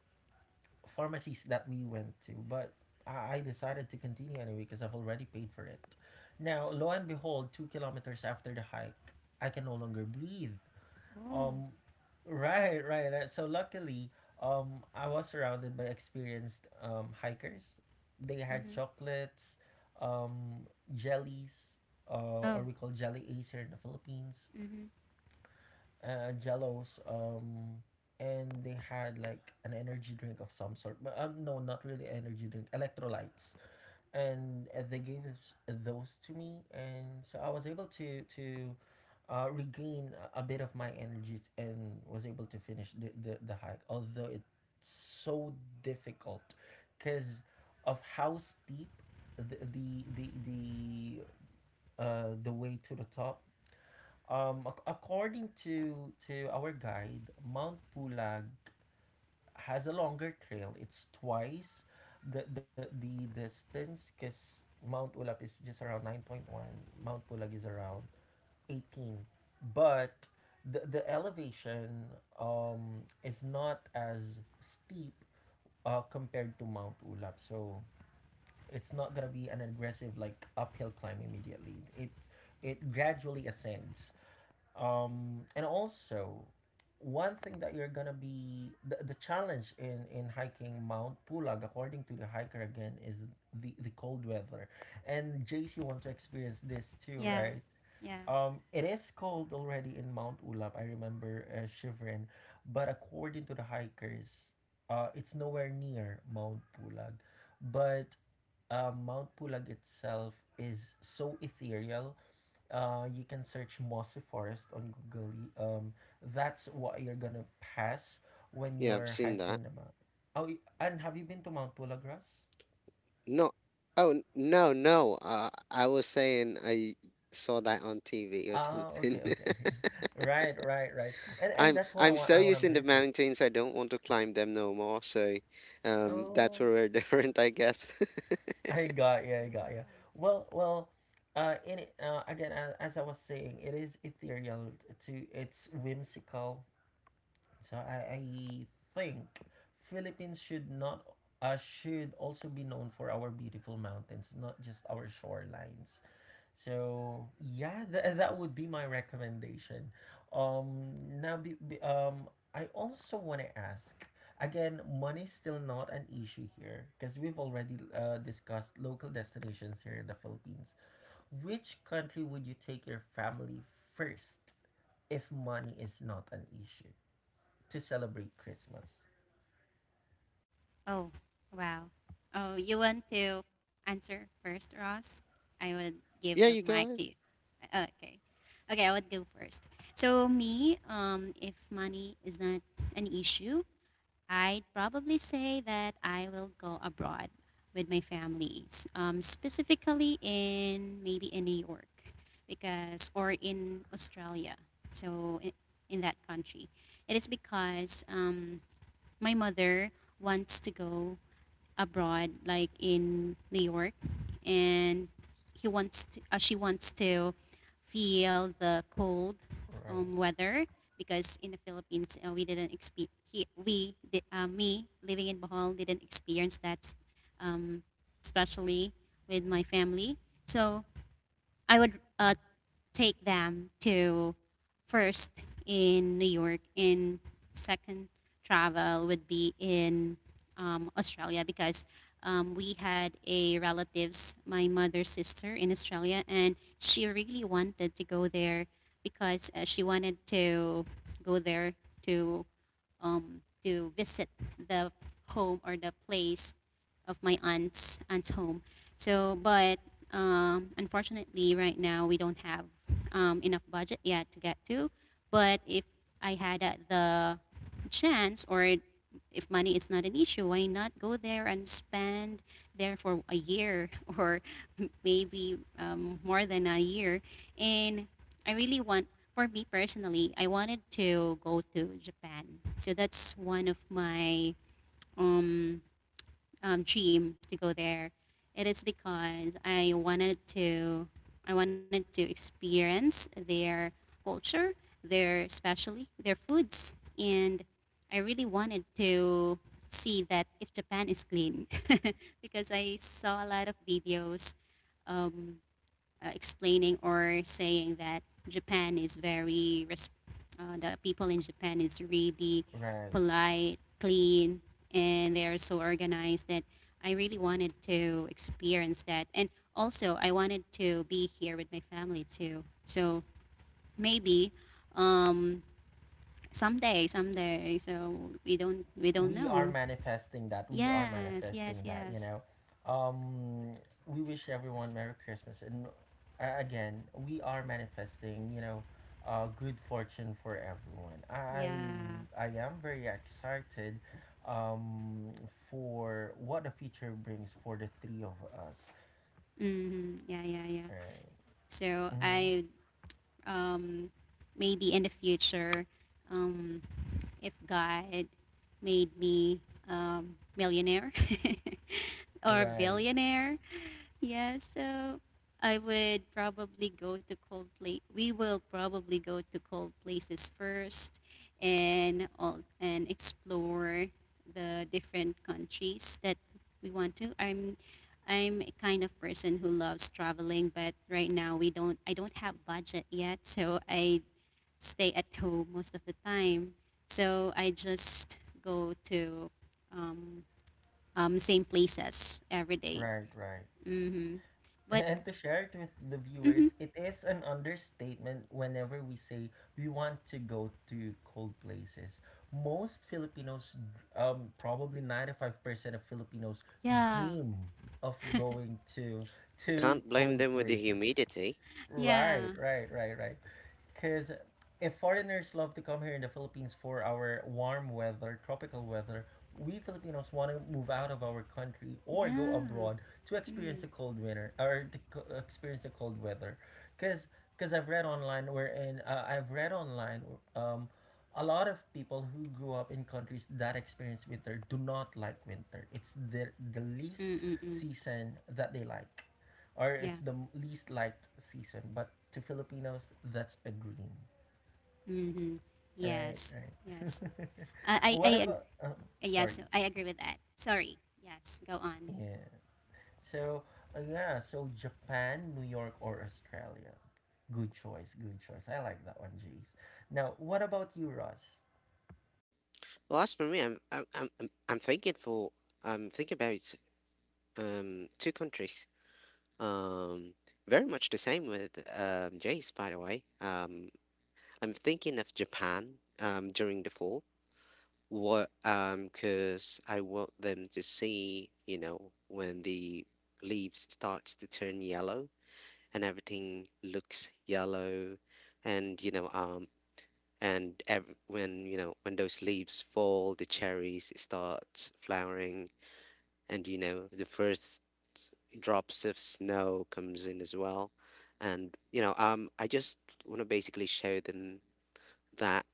[SPEAKER 1] pharmacies that we went to. But I decided to continue anyway because I've already paid for it. Now, lo and behold, 2 kilometers after the hike, I can no longer breathe.
[SPEAKER 2] Oh.
[SPEAKER 1] Um, right, right, right. So luckily, I was surrounded by experienced hikers. They had
[SPEAKER 2] Mm-hmm.
[SPEAKER 1] chocolates, um, jellies, or
[SPEAKER 2] Oh,
[SPEAKER 1] we call jelly ace here in the Philippines,
[SPEAKER 2] mm-hmm.
[SPEAKER 1] jellos, and they had like an energy drink of some sort. But no, not really energy drink, electrolytes, and they gave those to me, and so I was able to regain a bit of my energies and was able to finish the hike, although it's so difficult because of how steep the the the, the the way to the top, according to our guide, Mount Pulag has a longer trail. It's twice the distance, because Mount Ulap is just around 9.1. Mount Pulag is around 18. But the elevation is not as steep compared to Mount Ulap. So it's not gonna be an aggressive like uphill climb immediately. It gradually ascends, and also one thing that you're gonna be the challenge in hiking Mount Pulag according to the hiker again is the cold weather. And Jace, you want to experience this too,
[SPEAKER 2] Yeah.
[SPEAKER 1] right?
[SPEAKER 2] Yeah.
[SPEAKER 1] It is cold already in Mount Ulap. I remember, shivering, but according to the hikers, it's nowhere near Mount Pulag. But Mount Pulag itself is so ethereal. You can search mossy forest on Google. That's what you're gonna pass when
[SPEAKER 3] Yeah, I've
[SPEAKER 1] you're
[SPEAKER 3] seen
[SPEAKER 1] hiking
[SPEAKER 3] that.
[SPEAKER 1] the mountain. Oh, and have you been to Mount Pulagras?
[SPEAKER 3] No, no, no. I was saying I saw that on TV or
[SPEAKER 1] Ah,
[SPEAKER 3] something.
[SPEAKER 1] okay, okay, right, right, right. And
[SPEAKER 3] I'm
[SPEAKER 1] that's what I
[SPEAKER 3] I'm
[SPEAKER 1] want.
[SPEAKER 3] so
[SPEAKER 1] I want to
[SPEAKER 3] used in the
[SPEAKER 1] visit.
[SPEAKER 3] mountains, I don't want to climb them no more. So, that's
[SPEAKER 1] Oh,
[SPEAKER 3] where we're different, I guess.
[SPEAKER 1] I got yeah.
[SPEAKER 2] Oh.
[SPEAKER 1] Well, well, again, as I was saying, it is ethereal t- to it's whimsical. So I think Philippines should not should also be known for our beautiful mountains, not just our shorelines. So yeah, that would be my recommendation. Um, now be, be- um, I also want to ask. Again, money is still not an issue here because we've already discussed local destinations here in the Philippines. Which country would you take your family first if money is not an issue? To celebrate Christmas.
[SPEAKER 2] Oh, wow. Oh, you want to answer first, Ross? I would give
[SPEAKER 3] Yeah,
[SPEAKER 2] the
[SPEAKER 3] you go
[SPEAKER 2] mic
[SPEAKER 3] ahead.
[SPEAKER 2] to you. Okay. Okay, I would go first. So me, if money is not an issue, I'd probably say that I will go abroad with my families, specifically in maybe in New York, because or in Australia. So in that country, it is because my mother wants to go abroad, like in New York, and she wants to feel the cold
[SPEAKER 1] Right.
[SPEAKER 2] weather because in the Philippines we didn't experience he, we di- me living in Bohol didn't experience that, especially with my family. So I would take them to first in New York, in second travel would be in Australia because we had a relatives, my mother's sister in Australia, and she really wanted to go there because she wanted to go there to to visit the home or the place of my aunt's aunt's home. So, but unfortunately, right now we don't have enough budget yet to get to. But if I had the chance or if money is not an issue, why not go there and spend there for a year or maybe more than a year, and I really want, for me personally, I wanted to go to Japan. So that's one of my um, dream to go there. It is because I wanted to experience their culture, their especially their foods, and I really wanted to see that if Japan is clean, because I saw a lot of videos um, explaining or saying that Japan is very, the people in Japan is really
[SPEAKER 1] Right.
[SPEAKER 2] polite, clean, and they are so organized that I really wanted to experience that. And also, I wanted to be here with my family too. So Maybe um, someday, someday. So we don't
[SPEAKER 1] We are
[SPEAKER 2] know.
[SPEAKER 1] manifesting that. We are
[SPEAKER 2] Yes, yes,
[SPEAKER 1] manifesting that, you
[SPEAKER 2] yes.
[SPEAKER 1] know. Um we wish everyone Merry Christmas, and again, we are manifesting, you know, good fortune for everyone. I
[SPEAKER 2] Yeah.
[SPEAKER 1] I am very excited um for what the future brings for the three of us.
[SPEAKER 2] Mm-hmm. Yeah, yeah, yeah.
[SPEAKER 1] Right.
[SPEAKER 2] So
[SPEAKER 1] Mhm.
[SPEAKER 2] I um, maybe in the future, um, if God made me millionaire or
[SPEAKER 1] Right.
[SPEAKER 2] billionaire, yeah, so I would probably go to cold place. We will probably go to cold places first, and all and explore the different countries that we want to. I'm a kind of person who loves traveling, but right now we don't I don't have budget yet, so I stay at home most of the time. So I just go to um, same places every day.
[SPEAKER 1] Right, right.
[SPEAKER 2] Mm-hmm. But
[SPEAKER 1] And to share it with the
[SPEAKER 2] mm-hmm,
[SPEAKER 1] viewers, it is an understatement whenever we say we want to go to cold places. Most Filipinos, probably 95% of Filipinos,
[SPEAKER 2] yeah,
[SPEAKER 1] dream of going to
[SPEAKER 3] Can't blame
[SPEAKER 1] cold
[SPEAKER 3] them with the
[SPEAKER 1] places.
[SPEAKER 3] humidity.
[SPEAKER 1] Right,
[SPEAKER 2] yeah,
[SPEAKER 1] right, right, right. Because if foreigners love to come here in the Philippines for our warm weather, tropical weather, we Filipinos want to move out of our country or go
[SPEAKER 2] yeah.
[SPEAKER 1] abroad to
[SPEAKER 2] Mm.
[SPEAKER 1] experience the cold winter or to experience the cold weather. Because I've read online um a lot of people who grew up in countries that experience winter do not like winter. It's the least
[SPEAKER 2] Mm-mm-mm.
[SPEAKER 1] season that they like, or
[SPEAKER 2] Yeah.
[SPEAKER 1] it's the least liked season, but to Filipinos, that's a dream.
[SPEAKER 2] Mm-hmm.
[SPEAKER 1] Right,
[SPEAKER 2] Yes.
[SPEAKER 1] right.
[SPEAKER 2] Yes. I I,
[SPEAKER 1] What
[SPEAKER 2] I ag-
[SPEAKER 1] about? Sorry.
[SPEAKER 2] yes. I agree with that. Sorry. Yes. Go on.
[SPEAKER 1] Yeah. So yeah. So Japan, New York, or Australia. Good choice. Good choice. I like that one, Jace. Now, what about you, Ross?
[SPEAKER 3] Well, as for me, I'm thinking about two countries. Um, Very much the same with Jace, by the way. I'm thinking of Japan during the fall. What Because I want them to see, you know, when the leaves starts to turn yellow and everything looks yellow, and and when you know when those leaves fall, the cherries start flowering, and you know the first drops of snow comes in as well. And I just want to basically show them that,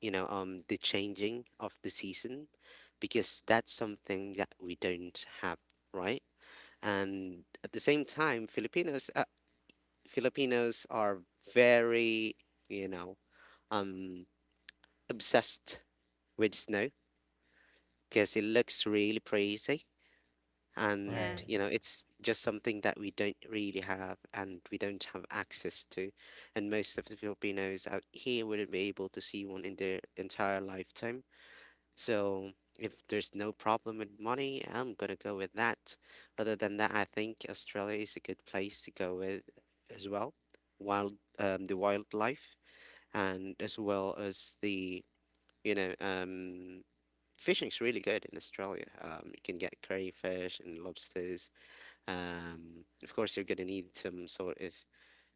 [SPEAKER 3] the changing of the season, because that's something that we don't have, right? And at the same time, Filipinos are very, you know um obsessed with snow because it looks really pretty, and
[SPEAKER 2] Yeah.
[SPEAKER 1] Right.
[SPEAKER 3] you know it's just something that we don't really have and we don't have access to. And most of the Filipinos out here wouldn't be able to see one in their entire lifetime. So if there's no problem with money, I'm gonna go with that. Other than that, I think Australia is a good place to go with as well. Wild Um, the wildlife, and as well as the, you know um fishing's really good in Australia. You can get crayfish and lobsters. Of course, you're gonna need some sort of,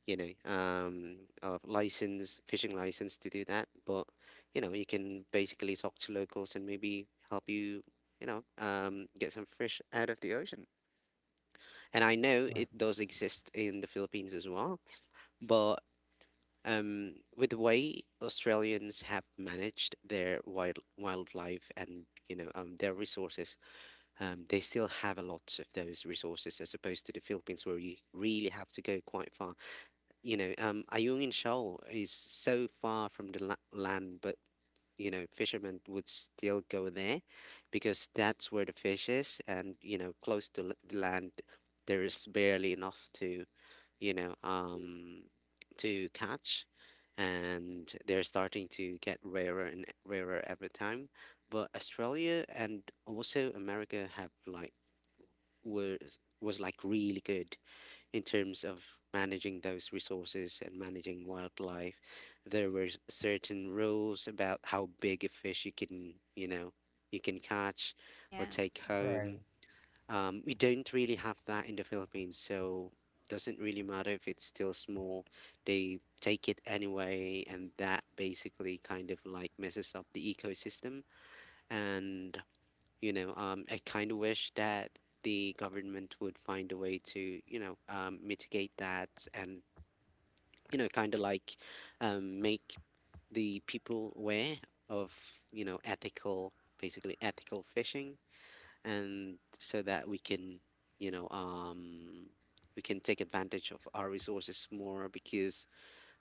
[SPEAKER 3] you know, um, of license, fishing license to do that. But, you know, you can basically talk to locals and maybe help you, get some fish out of the ocean. And I know
[SPEAKER 1] Right.
[SPEAKER 3] it does exist in the Philippines as well, but with the way Australians have managed their wildlife and their resources, they still have a lot of those resources as opposed to the Philippines where you really have to go quite far. You know, Ayungin Shoal is so far from the land, but you know, fishermen would still go there because that's where the fish is, and you know, close to the land, there is barely enough to, you know um, to catch. And they're starting to get rarer and rarer every time. But Australia and also America have like was like really good in terms of managing those resources and managing wildlife. There were certain rules about how big a fish you can, you know, you can catch or
[SPEAKER 2] Yeah.
[SPEAKER 3] take home.
[SPEAKER 1] Right.
[SPEAKER 3] We don't really have that in the Philippines, so doesn't really matter if it's still small. They take it anyway, and that basically kind of like messes up the ecosystem. And you know, I kind of wish that the government would find a way to, you know, mitigate that and, you know, kind of like make the people aware of, you know, ethical, basically ethical fishing, and so that we can, you know, we can take advantage of our resources more. Because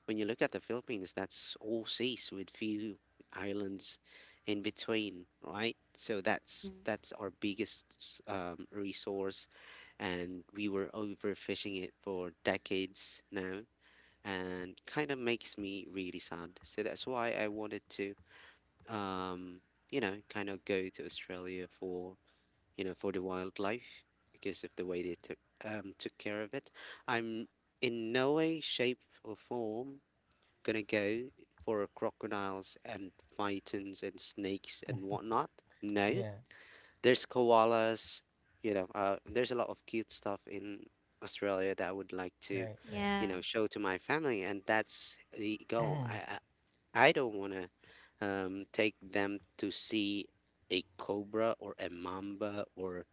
[SPEAKER 3] when you look at the Philippines, that's all seas with few islands in between, right? So that's
[SPEAKER 2] Mm-hmm.
[SPEAKER 3] our biggest resource, and we were overfishing it for decades now, and kind of makes me really sad. So that's why I wanted to, um, you know, kind of go to Australia for, you know, for the wildlife because of the way they took care of it. I'm in no way, shape, or form gonna go for crocodiles and pythons and snakes and whatnot. No,
[SPEAKER 1] Yeah.
[SPEAKER 3] there's koalas. You know, there's a lot of cute stuff in Australia that I would like to,
[SPEAKER 1] Right. Right.
[SPEAKER 3] you
[SPEAKER 2] Yeah.
[SPEAKER 3] know, show to my family, and that's the goal. I don't wanna take them to see a cobra or a mamba or,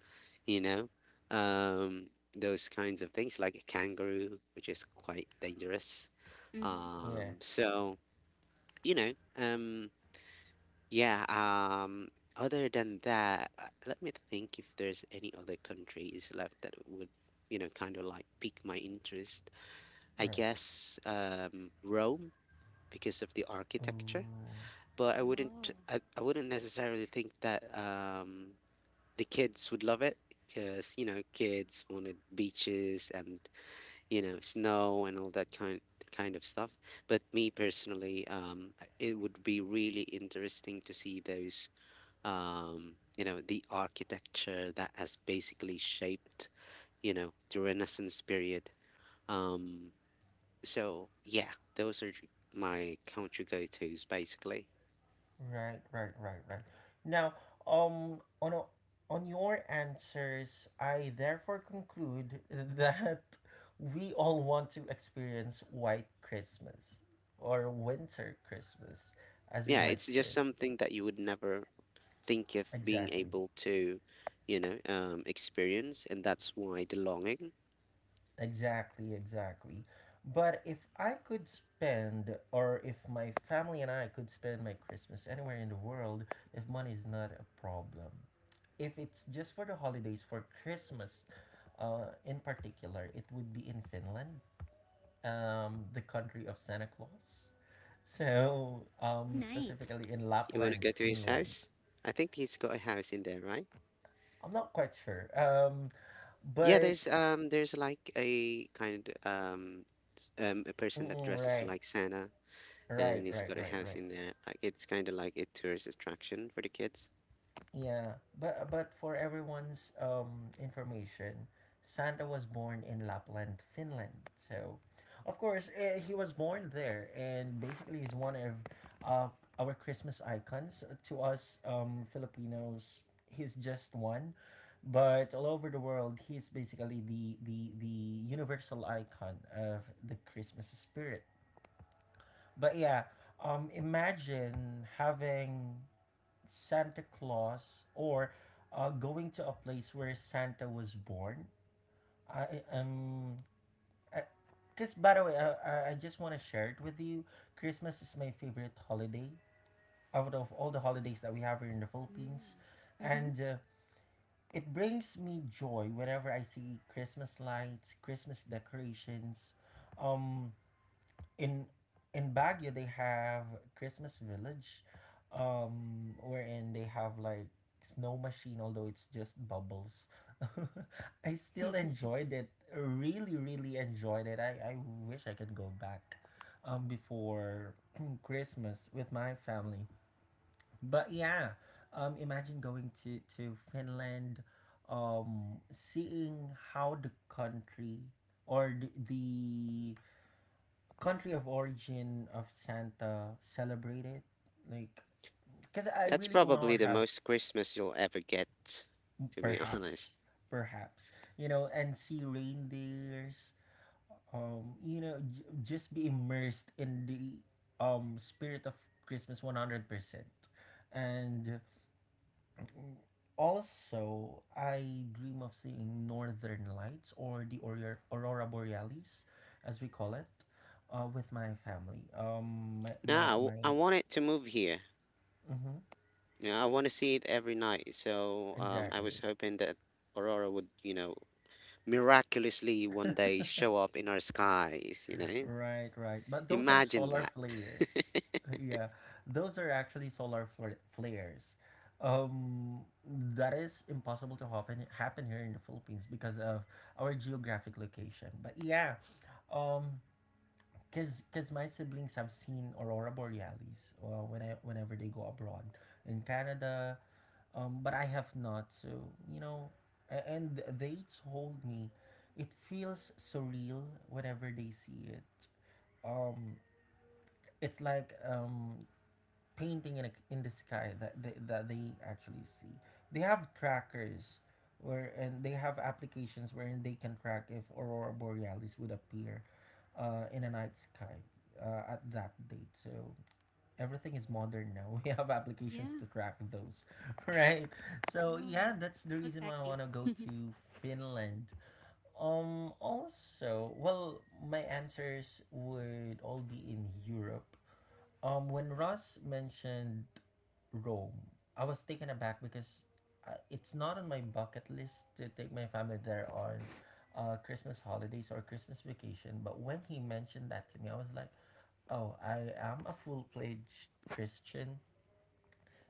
[SPEAKER 3] you know, um, those kinds of things like a kangaroo, which is quite dangerous.
[SPEAKER 2] Mm-hmm.
[SPEAKER 1] yeah.
[SPEAKER 3] So you know, um, yeah, other than that, let me think if there's any other countries left that would, you know, kind of like pique my interest. I
[SPEAKER 1] Right.
[SPEAKER 3] guess Rome because of the architecture,
[SPEAKER 1] Ooh.
[SPEAKER 3] but
[SPEAKER 2] Oh.
[SPEAKER 3] I wouldn't necessarily think that the kids would love it because, you know, kids wanted beaches and you know, snow and all that kind of stuff. But me personally, it would be really interesting to see those, you know, the architecture that has basically shaped, you know, the Renaissance period. Um, so yeah, those are my country go-tos basically.
[SPEAKER 1] Right, right, right, right. Now, on a, on your answers, I therefore conclude that we all want to experience white Christmas or winter Christmas, as we
[SPEAKER 3] Yeah,
[SPEAKER 1] might
[SPEAKER 3] it's just
[SPEAKER 1] say.
[SPEAKER 3] something that you would never think of being
[SPEAKER 1] Exactly.
[SPEAKER 3] able to, you know, experience, and that's why the longing.
[SPEAKER 1] Exactly, exactly. But if I could spend, or if my family and I could spend my Christmas anywhere in the world, if money is not a problem, if it's just for the holidays, for Christmas in particular, it would be in Finland, the country of Santa Claus. So,
[SPEAKER 2] Oh, nice.
[SPEAKER 1] specifically in
[SPEAKER 3] You want to
[SPEAKER 1] Lapland,
[SPEAKER 3] go to his
[SPEAKER 1] Finland.
[SPEAKER 3] house? I think he's got a house in there, right?
[SPEAKER 1] I'm not quite sure.
[SPEAKER 3] Yeah,
[SPEAKER 1] But,
[SPEAKER 3] there's like a kind of a person that dresses
[SPEAKER 1] right,
[SPEAKER 3] like Santa,
[SPEAKER 1] right,
[SPEAKER 3] and he's
[SPEAKER 1] right,
[SPEAKER 3] got a
[SPEAKER 1] right,
[SPEAKER 3] house
[SPEAKER 1] right.
[SPEAKER 3] in there. Like it's kind of like a tourist attraction for the kids.
[SPEAKER 1] Yeah, but for everyone's information, Santa was born in Lapland, Finland. So, of course, eh, he was born there, and basically, he's one of uh, our Christmas icons. To us, Filipinos, he's just one, but all over the world, he's basically the universal icon of the Christmas spirit. But yeah, imagine having Santa Claus or going to a place where Santa was born. I am, because by the way, I just want to share it with you. Christmas is my favorite holiday out of all the holidays that we have here in the Philippines,
[SPEAKER 2] Mm.
[SPEAKER 1] and it brings me joy whenever I see Christmas lights, Christmas decorations, um, in in Baguio they have Christmas Village, wherein they have like snow machine, although it's just bubbles. I still
[SPEAKER 2] Mm-hmm.
[SPEAKER 1] enjoyed it. Really, really enjoyed it. I wish I could go back before Christmas with my family. But yeah, imagine going to Finland, seeing how the country or the country of origin of Santa celebrated? Like, because I
[SPEAKER 3] That's
[SPEAKER 1] really do
[SPEAKER 3] probably
[SPEAKER 1] not
[SPEAKER 3] the
[SPEAKER 1] have
[SPEAKER 3] most Christmas you'll ever get, to be honest.
[SPEAKER 1] perhaps, perhaps, you know, and see reindeers, you know, just be immersed in the spirit of Christmas 100%. And also, I dream of seeing northern lights or the aurora, aurora borealis, as we call it, with my family. My
[SPEAKER 3] Now
[SPEAKER 1] my my.
[SPEAKER 3] I want it to move here.
[SPEAKER 1] Mm-hmm.
[SPEAKER 3] You know, I want to see it every night. So I was
[SPEAKER 1] Exactly.
[SPEAKER 3] hoping that Aurora would, you know, miraculously one day show up in our skies, you know?
[SPEAKER 1] Right, right. But those are
[SPEAKER 3] Imagine
[SPEAKER 1] solar
[SPEAKER 3] that.
[SPEAKER 1] flares. Yeah, those are actually flares. Um, that is impossible to happen here in the Philippines because of our geographic location. But yeah, um, cause my siblings have seen aurora borealis whenever they go abroad in Canada, but I have not. So you know, and they told me it feels surreal whenever they see it. Um, it's like painting in in the sky that that they actually see. They have trackers. And they have applications wherein they can track if aurora borealis would appear in a night sky at that date. So everything is modern now. We have applications
[SPEAKER 2] Yeah.
[SPEAKER 1] to track those, right? So yeah,
[SPEAKER 2] Oh,
[SPEAKER 1] that's the
[SPEAKER 2] so
[SPEAKER 1] reason why I
[SPEAKER 2] tacky.
[SPEAKER 1] want to go to Finland. Also, well, my answers would all be in Europe. When Ross mentioned Rome, I was taken aback because it's not on my bucket list to take my family there on Christmas holidays or Christmas vacation. But when he mentioned that to me, I was like, oh, I am a full fledged Christian,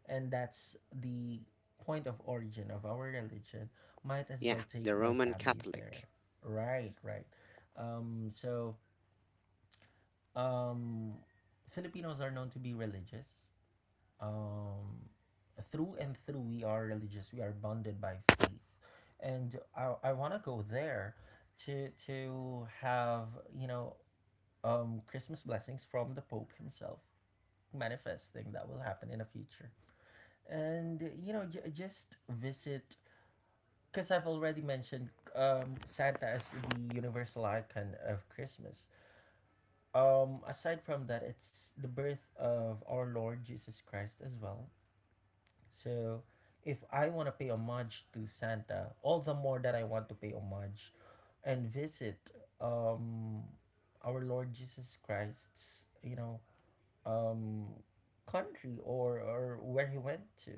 [SPEAKER 1] and that's the point of origin of our religion. Might as
[SPEAKER 3] Yeah,
[SPEAKER 1] well take
[SPEAKER 3] the
[SPEAKER 1] my
[SPEAKER 3] Roman
[SPEAKER 1] family
[SPEAKER 3] Catholic.
[SPEAKER 1] there. Right, right. So, um, Filipinos are known to be religious. Um, through and through, we are religious. We are bonded by faith, and I want to go there to have you know Christmas blessings from the Pope himself manifesting that will happen in the future. And you know, just visit because I've already mentioned Santa as the universal icon of Christmas. Aside from that, it's the birth of our Lord Jesus Christ as well. So, if I want to pay homage to Santa, all the more that I want to pay homage and visit um, our Lord Jesus Christ's, you know, um, country or where he went to.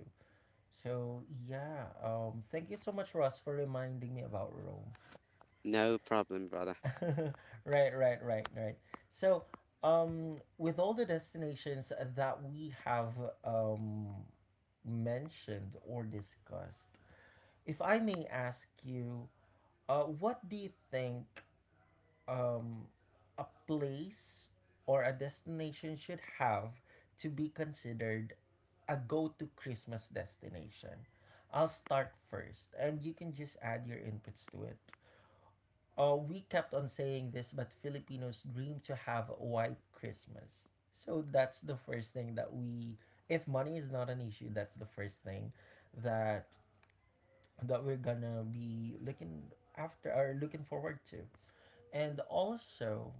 [SPEAKER 1] So yeah, thank you so much, Ross, for reminding me about Rome.
[SPEAKER 3] No problem, brother.
[SPEAKER 1] right, right, right, right. So with all the destinations that we have um, mentioned or discussed, if I may ask you, what do you think um, a place or a destination should have to be considered a go to Christmas destination. I'll start first, and you can just add your inputs to it. We kept on saying this, but Filipinos dream to have a white Christmas. So that's the first thing that we, if money is not an issue, that's the first thing that that we're gonna be looking after or looking forward to. And also,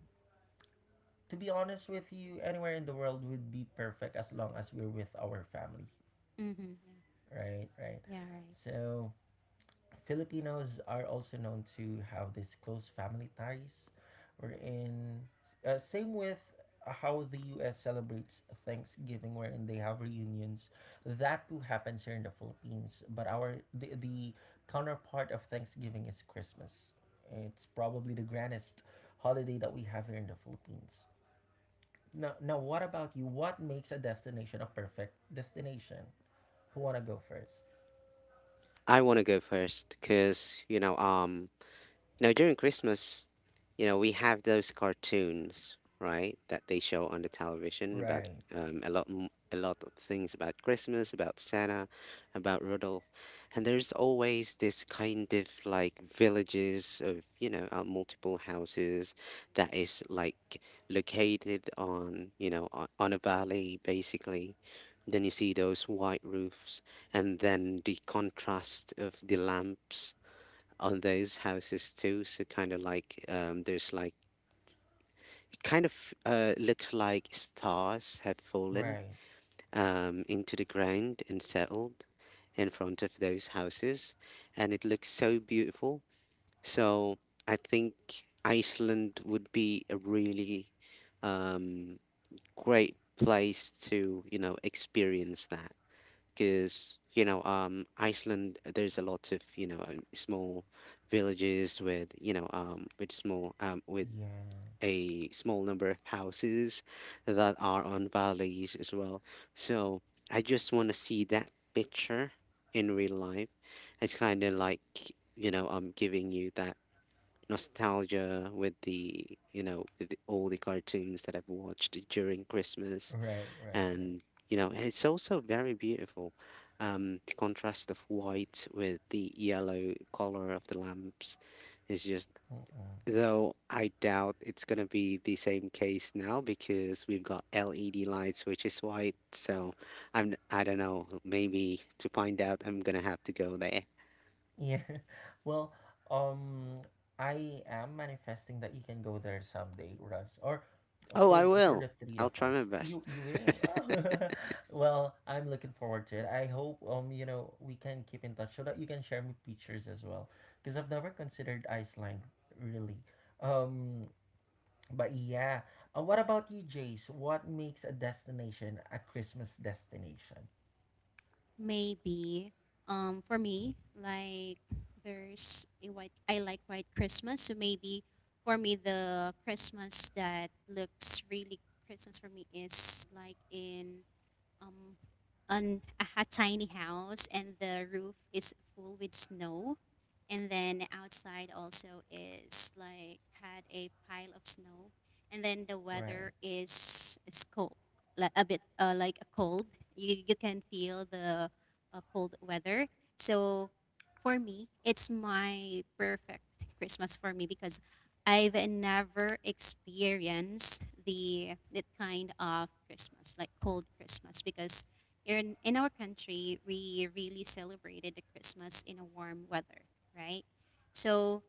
[SPEAKER 1] to be honest with you, anywhere in the world would be perfect as long as we're with our family,
[SPEAKER 2] Mm-hmm.
[SPEAKER 1] right? Right.
[SPEAKER 2] Yeah. Mm-hmm. Yeah, right.
[SPEAKER 1] So, Filipinos are also known to have these close family ties. We're in same with how the US celebrates Thanksgiving, wherein they have reunions. That too happens here in the Philippines, but the counterpart of Thanksgiving is Christmas. It's probably the grandest holiday that we have here in the Philippines. Now, now, what about you? What makes a destination a perfect destination? Who wanna go first?
[SPEAKER 3] I want to go first because, you know, now, during Christmas, you know, we have those cartoons, right, that they show on the television about
[SPEAKER 1] Right,
[SPEAKER 3] a lot of things about Christmas, about Santa, about Rudolph, and there's always this kind of like villages of you know multiple houses that is like located on on a valley basically. Then you see those white roofs, and then the contrast of the lamps on those houses too. So kind of like there's like kind of looks like stars have fallen
[SPEAKER 1] right,
[SPEAKER 3] into the ground and settled in front of those houses, and it looks so beautiful. So I think Iceland would be a really um, great place to you know experience that, because you know Iceland there's a lot of you know small villages with you know with small with
[SPEAKER 1] yeah,
[SPEAKER 3] a small number of houses that are on valleys as well. So I just want to see that picture in real life. It's kind of like you know giving you that nostalgia with the all the cartoons that I've watched during Christmas.
[SPEAKER 1] right, right, right.
[SPEAKER 3] And you know it's also very beautiful, the contrast of white with the yellow color of the lamps is just,
[SPEAKER 1] Mm-mm.
[SPEAKER 3] though I doubt it's going to be the same case now because we've got LED lights which is white. So I don't know, maybe to find out I'm going to have to go there.
[SPEAKER 1] Yeah, well, um, I am manifesting that you can go there someday, Russ, or
[SPEAKER 3] Oh, I
[SPEAKER 1] for
[SPEAKER 3] will.
[SPEAKER 1] the three
[SPEAKER 3] I'll
[SPEAKER 1] of
[SPEAKER 3] try my
[SPEAKER 1] us. You
[SPEAKER 3] best.
[SPEAKER 1] you will. Oh. Well, I'm looking forward to it. I hope you know we can keep in touch so that you can share me pictures as well, because I've never considered Iceland really. Um, But yeah, what about you, Jace? What makes a destination a Christmas destination?
[SPEAKER 2] Maybe. For me, like there's a white. I like white Christmas, so maybe for me the Christmas that looks really Christmas for me is like in um, on a hot tiny house, and the roof is full with snow. And then outside also is like had a pile of snow. And then the
[SPEAKER 1] Right,
[SPEAKER 2] weather is cold, like a bit, like a cold. You can feel the cold weather. So for me, it's my perfect Christmas for me because I've never experienced the that kind of Christmas, like cold Christmas, because in our country we really celebrated the Christmas in a warm weather, right? So,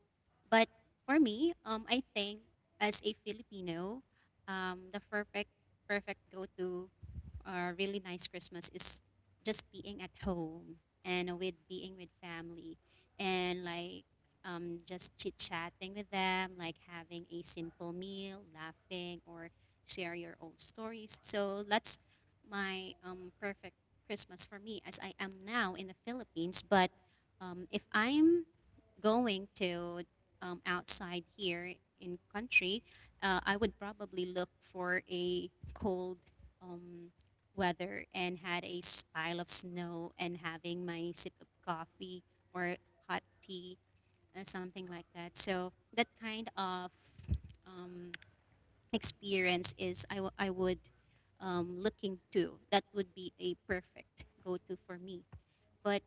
[SPEAKER 2] but for me, I think as a Filipino, the perfect go to or really nice Christmas is just being at home and with being with family and like just chit chatting with them, like having a simple meal, laughing, or share your old stories. So that's my perfect Christmas for me as I am now in the Philippines. But if I'm going to outside here in country, I would probably look for a cold weather and had a pile of snow and having my sip of coffee or hot tea something like that. So that kind of um, experience is I would looking to. That would be a perfect go-to for me. But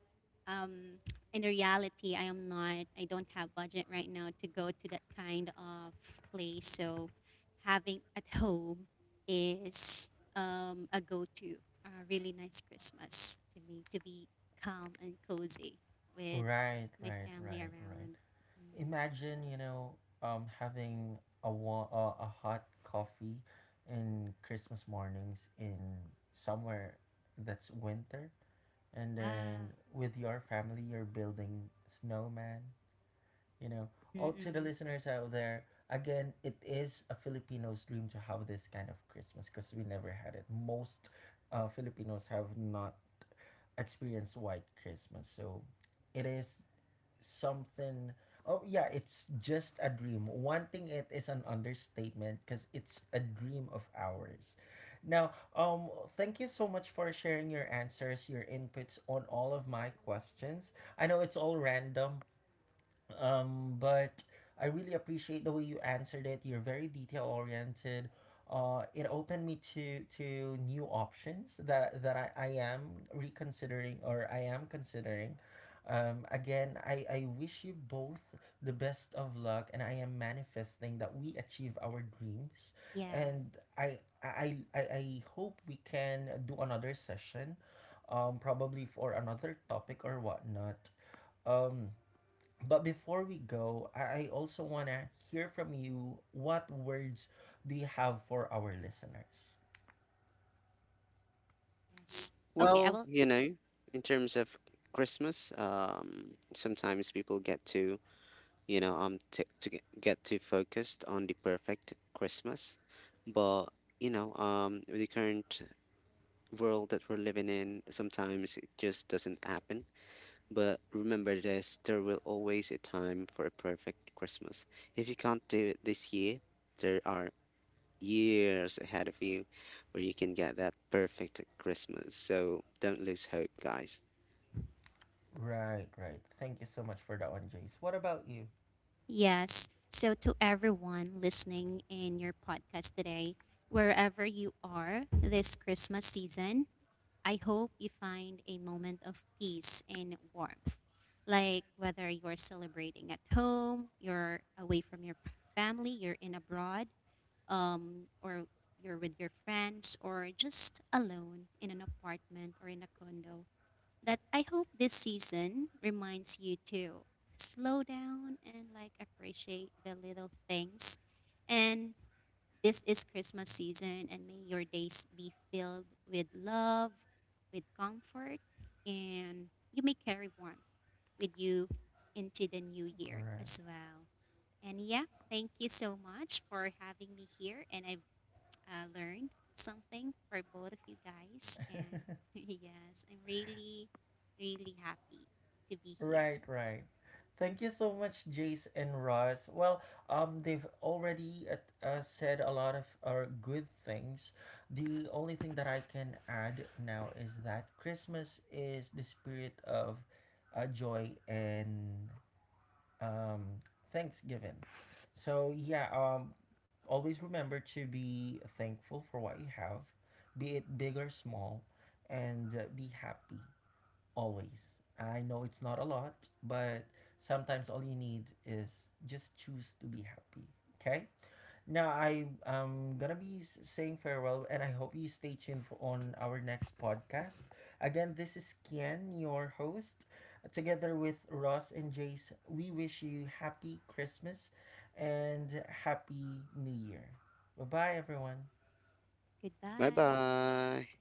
[SPEAKER 2] um, in reality, I am not. I don't have budget right now to go to that kind of place. So having at home is a go-to. A really nice Christmas to me to be calm and cozy with
[SPEAKER 1] right,
[SPEAKER 2] my
[SPEAKER 1] right,
[SPEAKER 2] family
[SPEAKER 1] right, right.
[SPEAKER 2] around. Mhm.
[SPEAKER 1] Imagine, you know, having a a hot coffee in Christmas mornings in somewhere that's winter, and
[SPEAKER 2] Yeah.
[SPEAKER 1] then with your family, you're building snowman, you know,
[SPEAKER 2] Mm-hmm,
[SPEAKER 1] all to the
[SPEAKER 2] mm-hmm.
[SPEAKER 1] listeners out there, again, it is a Filipino's dream to have this kind of Christmas because we never had it. Most Filipinos have not experienced white Christmas, so it is something. Oh yeah, it's just a dream. Wanting it is an understatement because it's a dream of ours. Now, thank you so much for sharing your answers, your inputs on all of my questions. I know it's all random, but I really appreciate the way you answered it. You're very detail oriented. It opened me to new options that I am reconsidering or I am considering. Again, I wish you both the best of luck, and I am manifesting that we achieve our dreams. And
[SPEAKER 2] Yes.
[SPEAKER 1] I hope we can do another session, probably for another topic or whatnot. Um, but before we go, I also want to hear from you what words do you have for our listeners?
[SPEAKER 2] Yes. Okay, I
[SPEAKER 3] Well,
[SPEAKER 2] will.
[SPEAKER 3] you know, in terms of Christmas um, sometimes people get to you know, to get get too focused on the perfect Christmas. But, you know, with the current world that we're living in, sometimes it just doesn't happen. But remember this, there will always a time for a perfect Christmas. If you can't do it this year, there are years ahead of you where you can get that perfect Christmas. So don't lose hope, guys.
[SPEAKER 1] Right, right. Thank you so much for that one, Jace. What about you?
[SPEAKER 2] Yes. So, to everyone listening in your podcast today, wherever you are this Christmas season, I hope you find a moment of peace and warmth. Like whether you're celebrating at home, you're away from your family, you're in abroad, or you're with your friends, or just alone in an apartment or in a condo. That I hope this season reminds you to slow down and like appreciate the little things. And this is Christmas season, and may your days be filled with love, with comfort, and you may carry warmth with you into the new year
[SPEAKER 1] Right.
[SPEAKER 2] as well. And yeah, thank you so much for having me here, and I learned something for both of you guys. And yes, I'm really, really happy to be here.
[SPEAKER 1] right, right. Thank you so much, Jace and Ross. Well, they've already said a lot of good things. The only thing that I can add now is that Christmas is the spirit of joy and um, Thanksgiving. So yeah, always remember to be thankful for what you have, be it big or small, and be happy always. I know it's not a lot, but sometimes all you need is just choose to be happy. Okay? Now I am gonna be saying farewell, and I hope you stay tuned for on our next podcast. Again, this is Kian, your host, together with Ross and Jace. We wish you happy Christmas and happy New Year. Bye bye, everyone.
[SPEAKER 3] Bye
[SPEAKER 2] Goodbye.
[SPEAKER 3] bye.